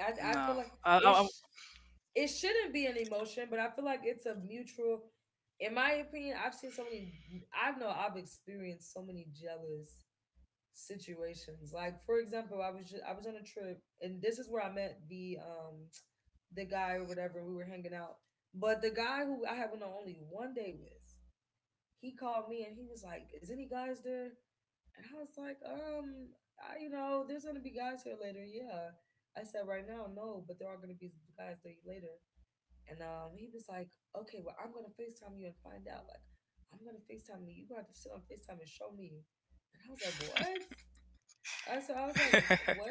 B: I feel
A: No,
B: like
A: I,
B: it
A: I,
B: sh- it shouldn't be an emotion, but I feel like it's a mutual. In my opinion, I've seen so many. I know I've experienced so many jealous situations. Like for example, I was on a trip, and this is where I met the guy or whatever. We were hanging out, but the guy who I have an only one day with, he called me and he was like, "Is any guys there?" And I was like, I, you know, there's gonna be guys here later." Yeah, I said, "Right now, no, but there are gonna be guys there later." And he was like, "Okay, well, I'm gonna Facetime you and find out. Like, I'm gonna Facetime you. You gonna have to sit on Facetime and show me." And I was like, "What?" I was like, what?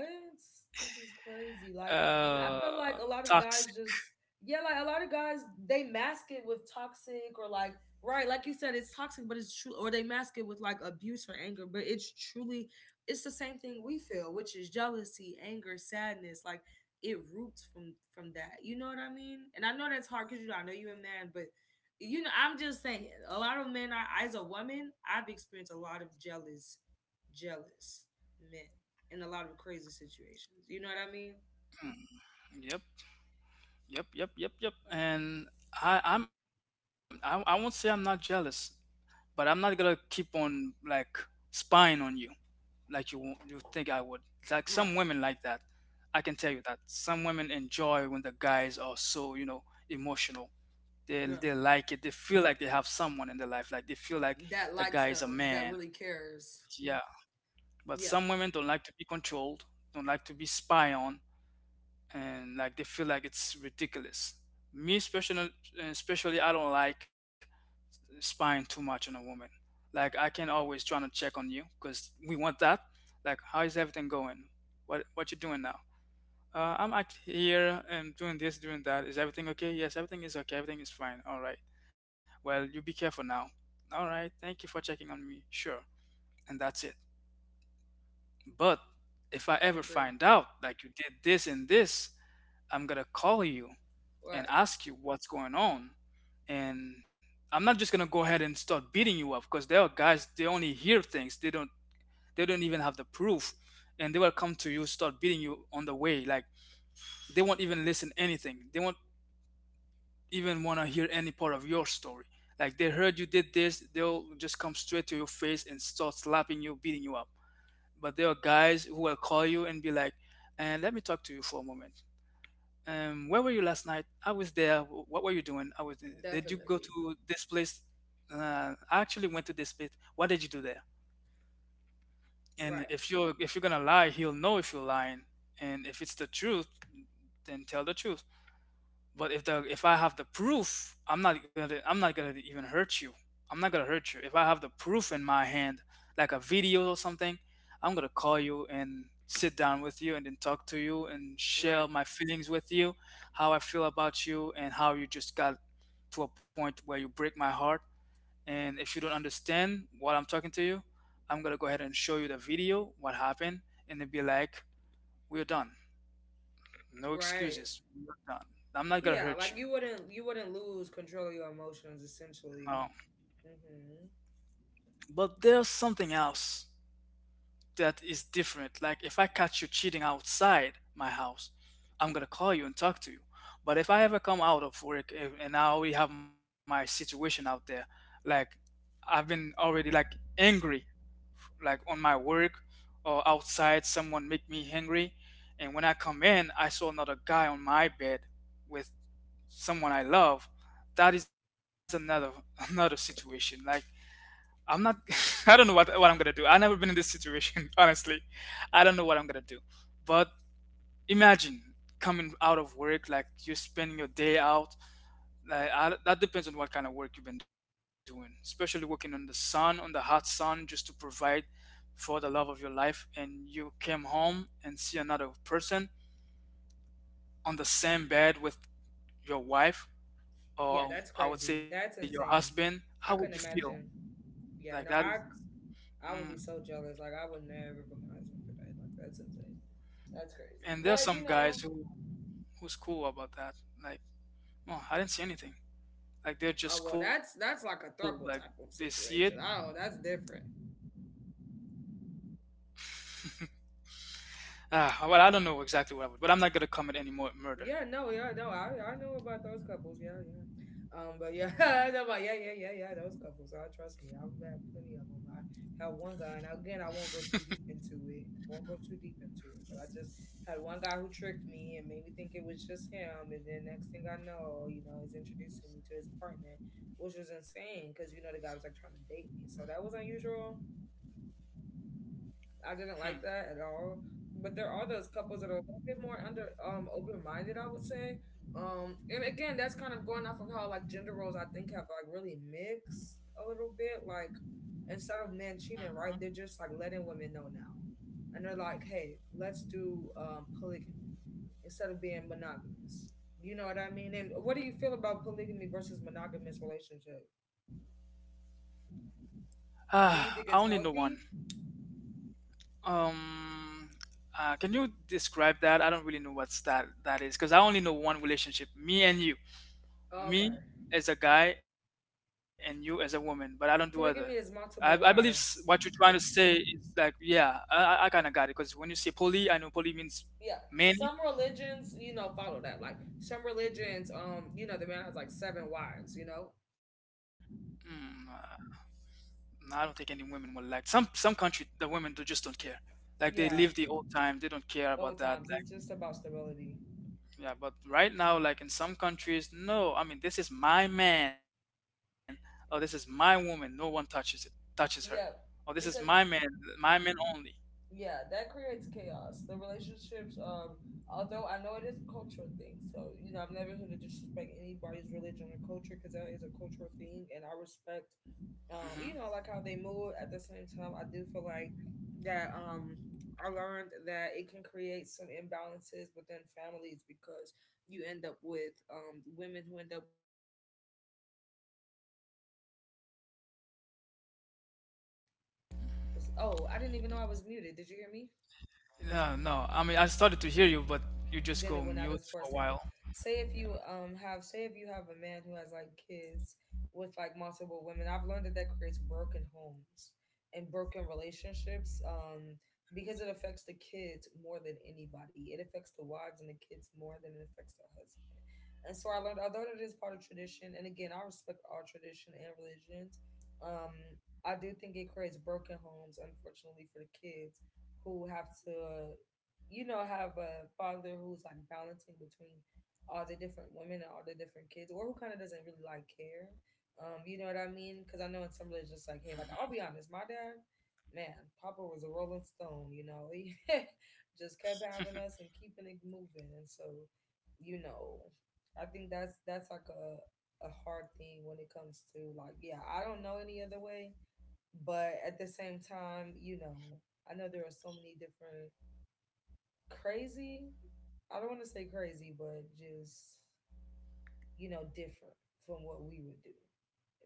B: This is crazy. Like I feel like a lot of guys
A: toxic.
B: just yeah, like a lot of guys they mask it with toxic or like right, like you said, it's toxic, but it's true, or they mask it with like abuse or anger, but it's truly it's the same thing we feel, which is jealousy, anger, sadness, like it roots from that. You know what I mean? And I know that's hard because you know I know you're a man, but you know I'm just saying a lot of men. I as a woman, I've experienced a lot of jealous men in a lot of crazy situations. You know what I mean?
A: Mm, yep. Yep, yep, yep, yep. And I won't say I'm not jealous, but I'm not gonna keep on like spying on you like you you think I would. It's like some women
B: Right.
A: like that. I can tell you that some women enjoy when the guys are so you know emotional. They
B: Yeah.
A: they like it. They feel like they have someone in their life. Like they feel like
B: That
A: the
B: likes
A: guy is a
B: them, that
A: man.
B: really cares.
A: Yeah. But
B: Yeah,
A: some women don't like to be controlled. Don't like to be spied on and like they feel like it's ridiculous. Me especially, especially I don't like spying too much on a woman. Like I can always try to check on you because we want that. Like how is everything going? What you doing now? I'm out here and doing this, doing that. Is everything okay? Yes, everything is okay. Everything is fine. All right. Well, you be careful now. All right. Thank you for checking on me. Sure. And that's it. But if I ever
B: agree.
A: find out like you did this and this, I'm gonna call you and
B: Right.
A: ask you what's going on. And I'm not just gonna go ahead and start beating you up because there are guys they only hear things, they don't even have the proof, and they will come to you start beating you on the way. Like they won't even listen anything. They won't even wanna hear any part of your story. Like they heard you did this, they'll just come straight to your face and start slapping you, beating you up. But there are guys who will call you and be like, "And let me talk to you for a moment. Where were you last night? I was there. What were you doing? I was. There. Did you go
B: Definitely.
A: to this place? I actually went to this place. What did you do there?" And
B: Right.
A: if you're gonna lie, he'll know if you're lying. And if it's the truth, then tell the truth. But if I have the proof, I'm not gonna even hurt you. I'm not gonna hurt you. If I have the proof in my hand, like a video or something, I'm gonna call you and sit down with you and then talk to you and share
B: Right.
A: my feelings with you, how I feel about you and how you just got to a point where you break my heart. And if you don't understand what I'm talking to you, I'm gonna go ahead and show you the video, what happened, and then be like, "We're done. No
B: Right.
A: excuses. We're done. I'm not gonna
B: Yeah, like
A: hurt you."
B: you wouldn't lose control of your emotions
A: No.
B: essentially. Hmm.
A: But there's something else that is different. Like if I catch you cheating outside my house, I'm gonna call you and talk to you. But if I ever come out of work and I already have my situation out there, like I've been already like angry, like on my work or outside, someone make me angry, and when I come in, I saw another guy on my bed with someone I love. That is another another situation. Like I'm not. I don't know what I'm gonna do. I've never been in this situation, honestly. I don't know what I'm gonna do. But imagine coming out of work, like you're spending your day out. Like I, that depends on what kind of work you've been doing, especially working on the sun, on the hot sun, just to provide for the love of your life. And you came home and see another person on the same bed with your wife,
B: Yeah,
A: or
B: that's
A: I would say
B: crazy.
A: your
B: That's
A: husband.
B: insane.
A: How would you
B: I
A: feel?
B: couldn't imagine.
A: Like that
B: Yeah,
A: is.
B: no, I would be
A: Mm.
B: so jealous. Like I would never put my husband through that. Like that's insane. That's crazy.
A: And
B: But
A: there are
B: you
A: some
B: know,
A: guys who who's cool about that? Like, well, I didn't see anything. Like,
B: oh
A: they're
B: well,
A: just
B: that's
A: cool.
B: that's
A: Like,
B: like a
A: they
B: throuple type
A: see it.
B: of situation. Oh, that's different.
A: Ah, well, I don't know exactly what I would, but I'm not gonna commit any more
B: Yeah,
A: murder.
B: no, yeah, no, I know about those couples. Yeah, yeah. But yeah, I know about yeah, yeah, yeah, yeah. Those couples. I trust me. I've met plenty of them. I had one guy, and again, I won't go too deep into it. Won't go too deep into it. But I just had one guy who tricked me and made me think it was just him, and then next thing I know, you know, he's introducing me to his partner, which was insane because you know the guy was like trying to date me, so that was unusual. I didn't like
A: Hmm.
B: that at all. But there are those couples that are a little bit more under open minded, I would say. And again, that's kind of going off of how like gender roles I think have like really mixed a little bit. Like instead of men cheating, right, they're just like letting women know now, and they're like, hey, let's do polygamy instead of being monogamous. You know what I mean? And what do you feel about polygamy versus monogamous relationship? Do you
A: Ah,
B: think
A: I
B: it's
A: only know
B: healthy?
A: one. Um, can you describe that? I don't really know what's that that is because I only know one relationship, me and you. Me
B: Okay,
A: as a guy and you as a woman, but I don't do other. I,
B: polygamy
A: I
B: is
A: believe
B: multiple
A: what you're trying to
B: wives.
A: say is like, yeah, I kind of got it because when you say poly, I know poly means
B: Yeah.
A: many.
B: Some religions, you know, follow that. Like some religions, you know, the man has like seven wives, you know?
A: Hmm. No, I don't think any women will like some country the women do just don't care. Like they live the
B: Yeah.
A: old time, they don't care about
B: Old
A: that.
B: times.
A: Like
B: It's just about stability.
A: yeah, but right now, like in some countries, no. I mean, this is my man. Oh, this is my woman. No one touches it, touches her.
B: Yeah.
A: Oh, this is
B: Because
A: my man only.
B: yeah, that creates chaos. The relationships, although I know it is a cultural thing, so you know, I'm never here to disrespect anybody's religion or culture because that is a cultural thing and I respect
A: Hmm.
B: you know, like how they move. At the same time, I do feel like that I learned that it can create some imbalances within families because you end up with women who end up with, oh, I didn't even know I was muted. Did you hear me?
A: No, no. I mean, I started to hear you, but you just
B: Then it
A: go
B: went out
A: mute
B: as for a
A: for a
B: second.
A: while.
B: Say if you have a man who has like kids with like multiple women, I've learned that that creates broken homes and broken relationships. Because it affects the kids more than anybody. It affects the wives and the kids more than it affects the husband. And so I learned, although it is part of tradition, and again, I respect all tradition and religions. Um, I do think it creates broken homes, unfortunately, for the kids who have to you know, have a father who's like balancing between all the different women and all the different kids, or who kind of doesn't really like care. You know what I mean? Because I know in some religions,
A: Hmm.
B: it's like, hey, like I'll be honest, my dad, man, Papa was a rolling stone. You know, he just kept having us and keeping it moving, and so, you know, I think that's like a hard thing when it comes to like, yeah, I don't know any other way, but at the same time, you know, I know there are so many different crazy. I don't want to say crazy, but just you know, different from what we would do.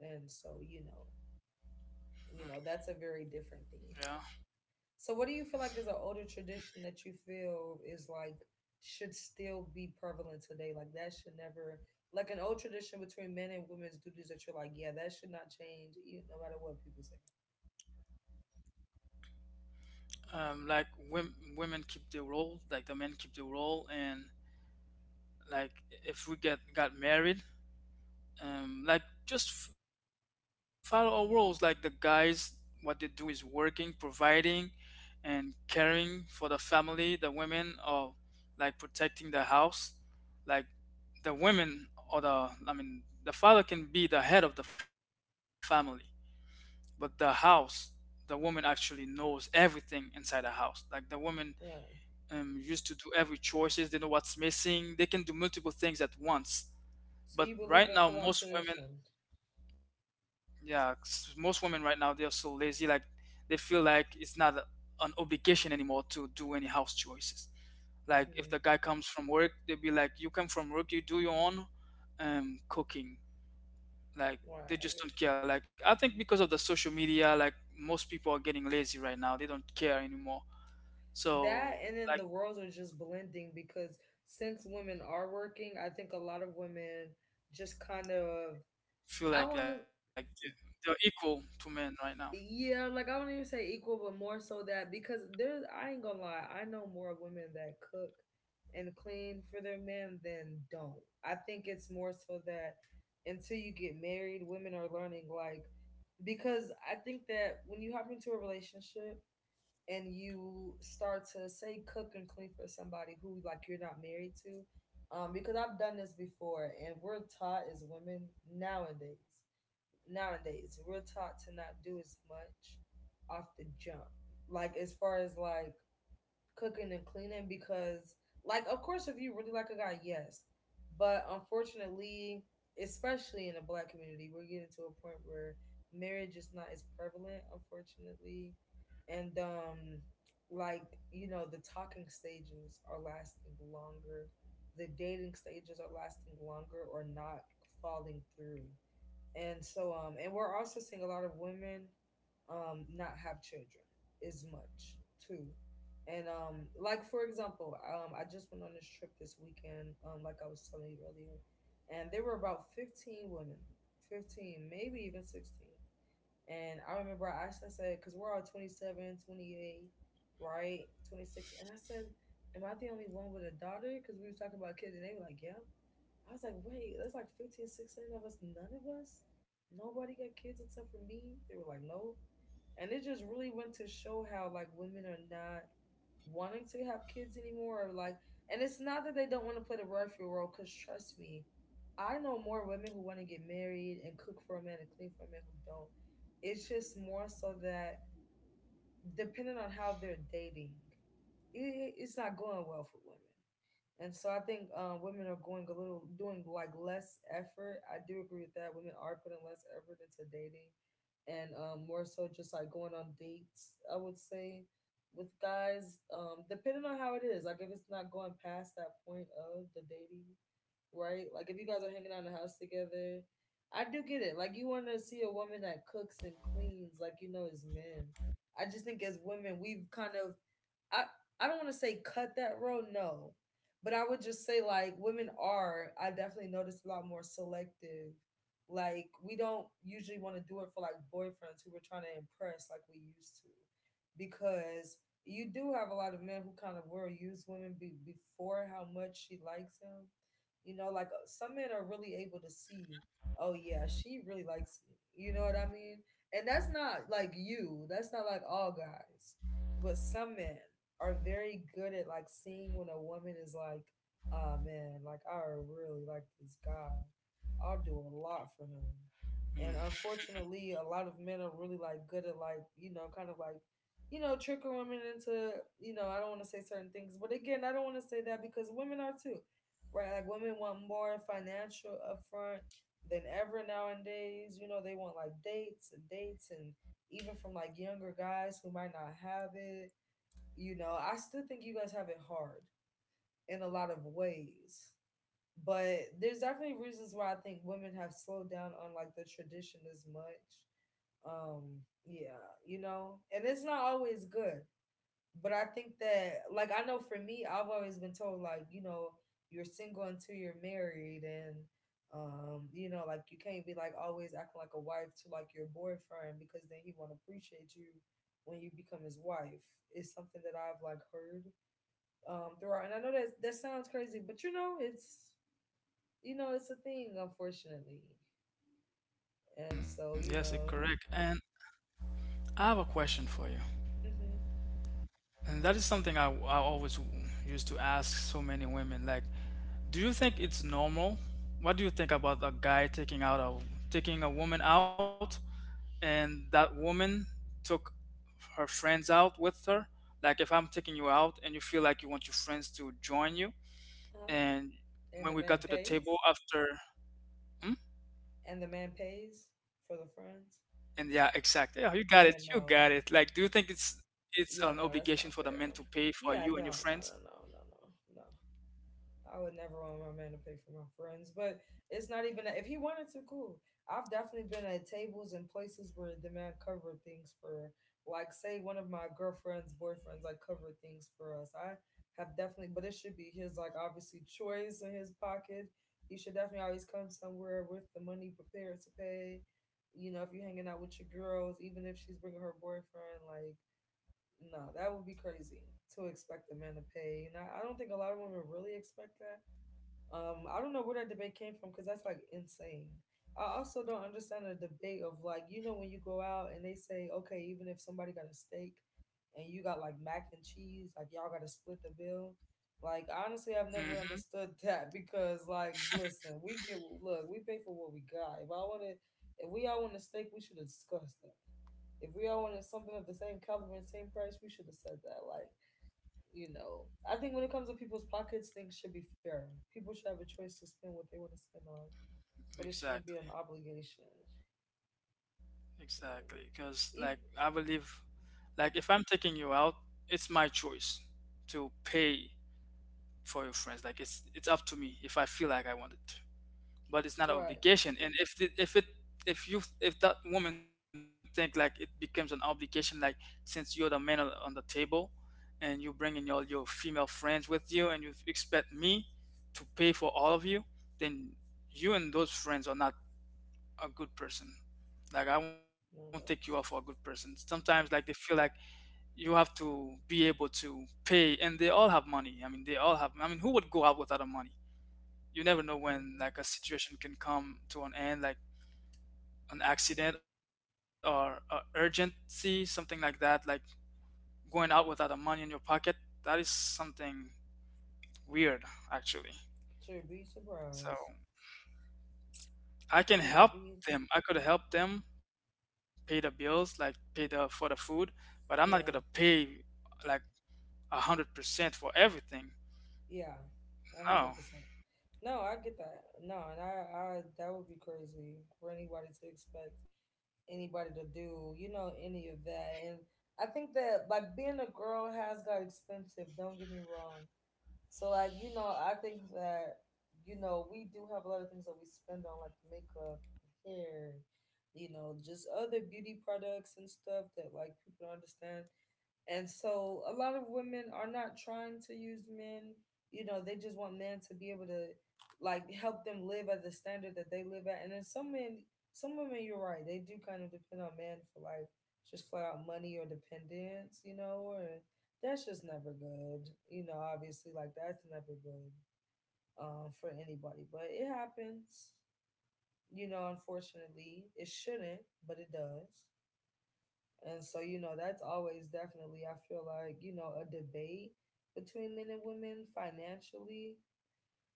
B: And so, you know, that's a very
A: Yeah.
B: different thing. So, what do you feel like is an older tradition that you feel is like should still be prevalent today? Like that should never, like an old tradition between men and women's duties that you're like, yeah, that should not change, you no matter what people say.
A: Like women, women keep their role, like the men keep their role, and like if we get got married, like just follow our roles. Like the guys what they do is working, providing and caring for the family. The women are like protecting the house. Like the women or the I mean the father can be the head of the family, but the house, the woman actually knows everything inside the house. Like the woman
B: Right.
A: used to do every choices. They know what's missing, they can do multiple things at once. But
B: So you
A: right
B: believe
A: now
B: in full
A: most
B: on
A: women,
B: tradition.
A: yeah, 'cause most women right now they are so lazy. Like they feel like it's not an obligation anymore to do any house choices. Like if the
B: Hmm.
A: guy comes from work, they'll be like, "You come from work, you do your own cooking." Like
B: Right. I
A: they
B: get
A: just
B: you.
A: don't care. Like I think because of the social media, like most people are getting lazy right now. They don't care anymore.
B: That
A: So
B: and then the
A: like
B: worlds are just blending because since women are working, I think a lot of women just kind of I
A: feel
B: want to
A: like they're equal to men right now.
B: yeah, like I wouldn't even say equal, but more so that because there's I ain't gonna lie, I know more women that cook and clean for their men than don't. I think it's more so that until you get married, women are learning, like, because I think that when you hop into a relationship and you start to say cook and clean for somebody who, like, you're not married to, because I've done this before. And we're taught as women nowadays, we're taught to not do as much off the jump, like, as far as like cooking and cleaning, because, like, of course, if you really like a guy, yes, but unfortunately, especially in the black community, we're getting to a point where marriage is not as prevalent, unfortunately. And, like, you know, the talking stages are lasting longer, the dating stages are lasting longer or not falling through. And so, and we're also seeing a lot of women not have children as much too. And, like, for example, I just went on this trip this weekend, like I was telling you earlier, and there were about 15 women, 15, maybe even 16. And I asked, I said, because we're all 27, 28, right, 26. And I said, am I the only one with a daughter? Because we was talking about kids, and they were like, yeah. I was like, wait, there's like 15, 16 of us. None of us, nobody got kids except for me. They were like, no. And it just really went to show how, like, women are not wanting to have kids anymore. Or like, and it's not that they don't want to play the referee role, because trust me, I know more women who want to get married and cook for a man and clean for a man who don't. It's just more so that depending on how they're dating it, it's not going well for women. And so I think women are going a little, doing like less effort. I do agree with that. Women are putting less effort into dating and more so just like going on dates, I would say, with guys, depending on how it is. Like, if it's not going past that point of the dating, right? Like, if you guys are hanging out in the house together, I do get it. Like, you want to see a woman that cooks and cleans, like, you know, as men. I just think as women, we've kind of, I I don't want to say cut that road, no, but I would just say like women are, I definitely noticed, a lot more selective. Like, we don't usually want to do it for like boyfriends who we're trying to impress like we used to, because you do have a lot of men who kind of will use women before how much she likes him. You know, like some men are really able to see, oh, yeah, she really likes me. You know what I mean? And that's not like you. That's not like all guys, but some men are very good at like seeing when a woman is like, oh man, like I really like this guy, I'll do a lot for him. And
A: Mm.
B: unfortunately, a lot of men are really like good at like, you know, kind of like, you know, tricking women into, you know, I don't want to say certain things, but again, I don't want to say that because women are too, right? Like, women want more financial upfront than ever nowadays. You know, they want like dates and dates and even from like younger guys who might not have it. You know, I still think you guys have it hard in a lot of ways. But there's definitely reasons why I think women have slowed down on like the tradition as much. Yeah, you know, and it's not always good. But I think that, like, I know for me, I've always been told like, you know, you're single until you're married and, you know, like you can't be like always acting like a wife to like your boyfriend because then he won't appreciate you when you become his wife. It's something that I've like heard throughout, and I know that that sounds crazy, but you know it's, you know, it's a thing, unfortunately. And
A: Mm,
B: so,
A: yes,
B: you
A: it
B: know.
A: correct. And I have a question for you.
B: Hmm.
A: And that is something I always used to ask so many women. Like, do you think it's normal? What do you think about a guy taking a woman out, and that woman took her friends out with her? Like, if I'm taking you out and you feel like you want your friends to join you,
B: Uh-huh.
A: and when
B: And the
A: we got
B: man
A: to the table
B: pays.
A: after, hmm?
B: And the man pays for the
A: And
B: friends.
A: yeah, exactly. Yeah, you got it. You got
B: Yeah,
A: it. Like,
B: no.
A: do you think it's an
B: Yeah,
A: obligation for
B: no,
A: the
B: that's
A: men
B: not
A: to pay
B: fair.
A: for you and your
B: Yeah,
A: friends?
B: no, no, no, no, no, no, no. I would never want my man to pay for my friends, but it's not even that. If he wanted to, cool. I've definitely been at tables and places where the man covered things for, like, say, one of my girlfriend's boyfriends, like, covered things for us. I have definitely, but it should be his, like, obviously, choice in his pocket. He should definitely always come somewhere with the money prepared to pay. You know, if you're hanging out with your girls, even if she's bringing her boyfriend, like, no, that would be crazy to expect a man to pay. And I don't think a lot of women really expect that. I don't know where that debate came from because that's like insane. I also don't understand the debate of like, you know, when you go out and they say, okay, even if somebody got a steak and you got like mac and cheese, like y'all got to split the bill. Like, honestly, I've
A: Mm-hmm.
B: never understood that because, like, listen, we get, look, we pay for what we got. If I wanted, if we all want a steak, we should have discussed that. If we all wanted something of the same caliber and same price, we should have said that. Like, you know, I think when it comes to people's pockets, things should be fair. People should have a choice to spend what they want to spend on, but it shouldn't be an
A: Exactly.
B: obligation.
A: Exactly,
B: Um,
A: because like I
B: e-
A: believe, like if I'm taking you out, it's my choice to pay for your friends. Like it's up to me if I feel like I want it to, but it's not an
B: right.
A: obligation. And if you if that woman think like it becomes an obligation, like since you're the man on the table, and you bringing all your female friends with you, and you expect me to pay for all of you, then you and those friends are not a good person. Like I won't take you off for
B: No,
A: a good
B: that's.
A: person. Sometimes like they feel like you have to be able to pay and they all have money. I mean they all have I mean who would go out without a money? You never know when
B: Hmm.
A: like a situation can come to an end, like an accident or a urgency, something like that. Like going out without a money in your pocket, that is something weird actually.
B: Sure, be
A: So
B: surprised.
A: I can
B: You will
A: help
B: be.
A: them. I could help them pay the bills, like pay the for the food, but I'm not gonna
B: Yeah.
A: pay like 100% for everything.
B: Yeah. A
A: No.
B: 100%. No, I get that. No, and that would be crazy for anybody to expect anybody to do, you know, any of that. And I think that like being a girl has got expensive. Don't get me wrong. So, like, you know, I think that, you know, we do have a lot of things that we spend on, like makeup, and hair, you know, just other beauty products and stuff that like people don't understand. And so a lot of women are not trying to use men. You know, they just want men to be able to, like, help them live at the standard that they live at. And then some men, some women, you're right, they do kind of depend on men for like just flat out money or dependence, you know, or that's just never good. You know, obviously, like, that's never good for anybody, but it happens, you know, unfortunately. It shouldn't, but it does. And so, you know, that's always definitely, I feel like, you know, a debate between men and women financially.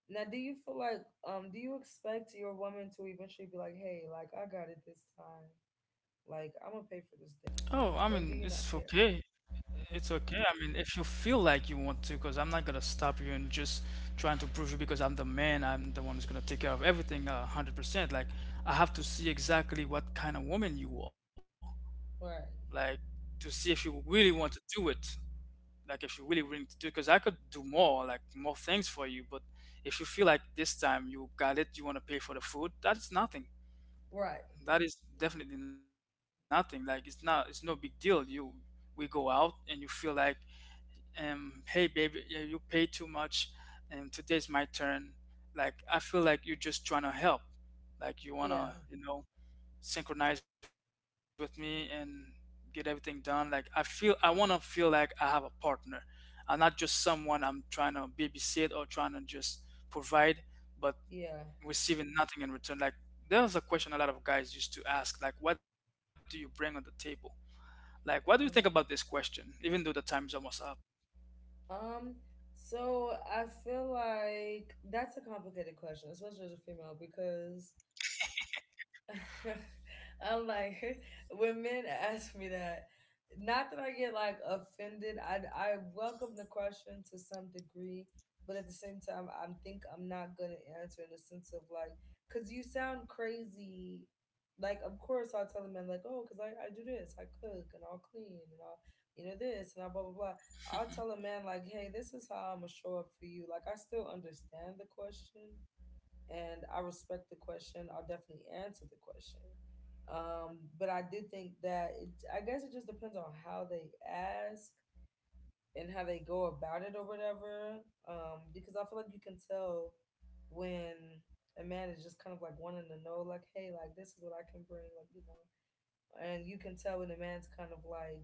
B: Now, do you feel like, do you expect your woman to eventually be like, hey, like, I got it this time. Like, I'm going to pay
A: Oh,
B: for
A: I
B: this
A: mean,
B: date.
A: it's
B: Or do
A: okay.
B: you not care?
A: It's okay. I mean, if you feel like you want to, because I'm not gonna stop you and just trying to prove you because I'm the man. I'm the one who's gonna take care of everything 100%. Like, I have to see exactly what kind of woman you are.
B: Right.
A: Like, to see if you really want to do it. Like if you really really need to do it, because I could do more like more things for you. But if you feel like this time you got it, you want to pay for the food, that's nothing.
B: Right.
A: That is definitely nothing. Like it's not, it's no big deal. You, we go out and you feel like, hey baby, yeah, you pay too much and today's my turn. Like I feel like you're just trying to help,
B: Yeah.
A: like you want to, you know, synchronize with me and get everything done. Like I feel I want to feel like I have a partner. I'm not just someone I'm trying to babysit or trying to just provide, but
B: Yeah.
A: receiving nothing in return. Like there's a question a lot of guys used to ask, like what do you bring on the table? Like what do you think
B: Uh-huh.
A: about this question? Even though the time is almost up.
B: Um, so I feel like that's a complicated question, especially as a female, because I'm like, when men ask me that, not that I get like offended. I welcome the question to some degree, but at the same time, I think I'm not gonna answer in the sense of like, cause you sound crazy. Like, of course, I'll tell the man like, oh, cause I do this, I cook and I'll clean and I'll, you know, this, and I blah blah blah. I'll tell a
A: Hmm.
B: man like, hey, this is how I'm gonna show up for you. Like, I still understand the question and I respect the question. I'll definitely answer the question. But I do think that it, I guess it just depends on how they ask and how they go about it or whatever. Because I feel like you can tell when a man is just kind of like wanting to know, like, hey, like this is what I can bring, like, you know. And you can tell when a man's kind of like,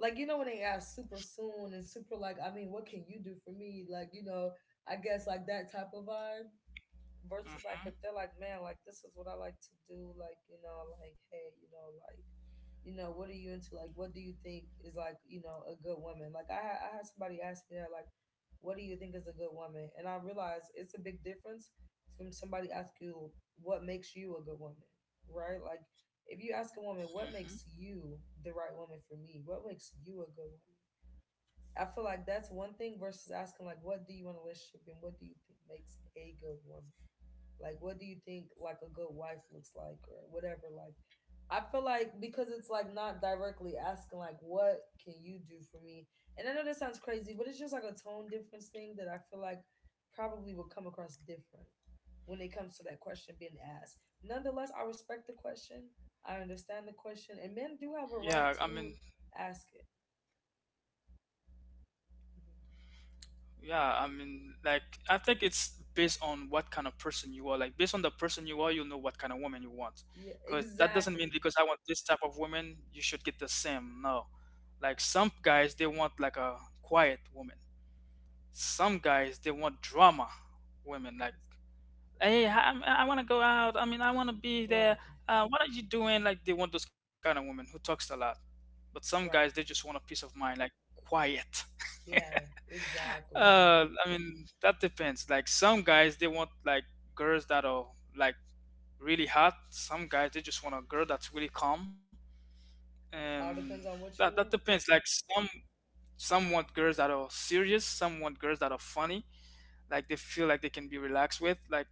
B: like you know, when they ask super soon and super like, I mean, what can you do for me? Like, you know, I guess like that type of vibe versus like if they're like, man, like this
A: Hmm.
B: is what I like to do, like, you know, like, hey, you know, like, you know, what are you into? Like, what do you think is like, you know, a good woman? Like, I had somebody ask me that, like, what do you think is a good woman? And I realized it's a big difference from somebody asking you what makes you a good woman, right? Like, if you ask a woman what makes
A: Hmm.
B: you the right woman for me, what makes you a good woman? I feel like that's one thing versus asking like, what do you want in a relationship and what do you think makes a good woman? Like, what do you think like a good wife looks like or whatever? Like, I feel like because it's like not directly asking like what can you do for me? And I know that sounds crazy, but it's just like a tone difference thing that I feel like probably will come across different when it comes to that question being asked. Nonetheless, I respect the question. I understand the question, and men do have a right
A: Yeah, I mean
B: to ask it. Mhm.
A: Yeah, I mean, like, I think it's based on what kind of person you are. Like, based on the person you are, you'll know what kind of woman you want.
B: Yeah,
A: Because that doesn't
B: exactly.
A: mean because I want this type of woman, you should get the same. No.
B: Yeah,
A: Like, some guys, they want like a quiet woman. Some guys, they want drama women.
B: ex-
A: Like, hey, I want to go out. I mean, I want to be
B: right,
A: there. What are you doing? Like, they want those kind of women who talks a lot. But some
B: right.
A: guys, they just want a peace of mind, like, quiet.
B: Yeah, exactly.
A: I mean, that depends. Like some guys, they want like girls that are like really hot. Some guys, they just want a girl that's really calm.
B: All
A: And
B: depends on what you
A: that
B: want.
A: depends. Like some want girls that are serious. Some want girls that are funny. Like they feel like they can be relaxed with. Like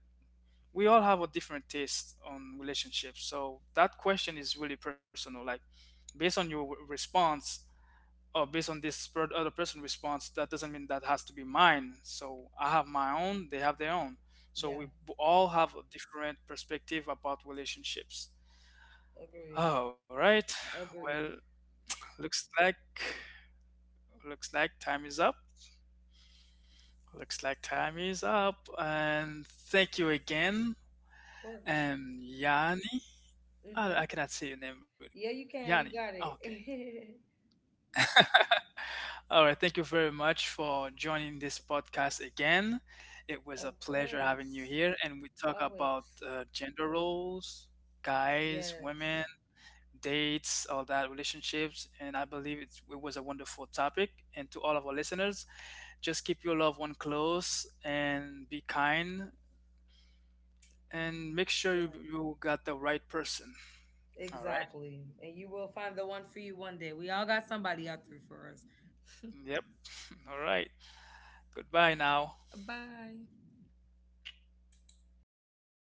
A: we all have a different taste on relationships. So that question is really personal. Like based on your response, oh, based on this other person response, that doesn't mean that has to be mine. So I have my own, they have their own. So
B: Yeah,
A: we all have a different perspective about relationships.
B: agreed.
A: All right.
B: Agreed.
A: Well, looks like looks like time is up. Looks like time is up. And thank you again.
B: Of course.
A: And Yanni, I
B: Mm-hmm.
A: cannot say your name really.
B: Yeah, you can. You
A: Yanni.
B: got
A: Okay.
B: it.
A: All right, thank you very much for joining this podcast again. It was a
B: Of
A: pleasure having you
B: course.
A: here, and we talk about
B: Always.
A: gender roles, guys,
B: Yes.
A: women, dates, all that, relationships, and I believe it was a wonderful topic. And to all of our listeners, just keep your loved one close and be kind, and make sure
B: Yeah.
A: you got the right person. All right.
B: Exactly. And you will find the one for you one day. We all got somebody out there for us.
A: Yep. All right. Goodbye now.
B: Bye.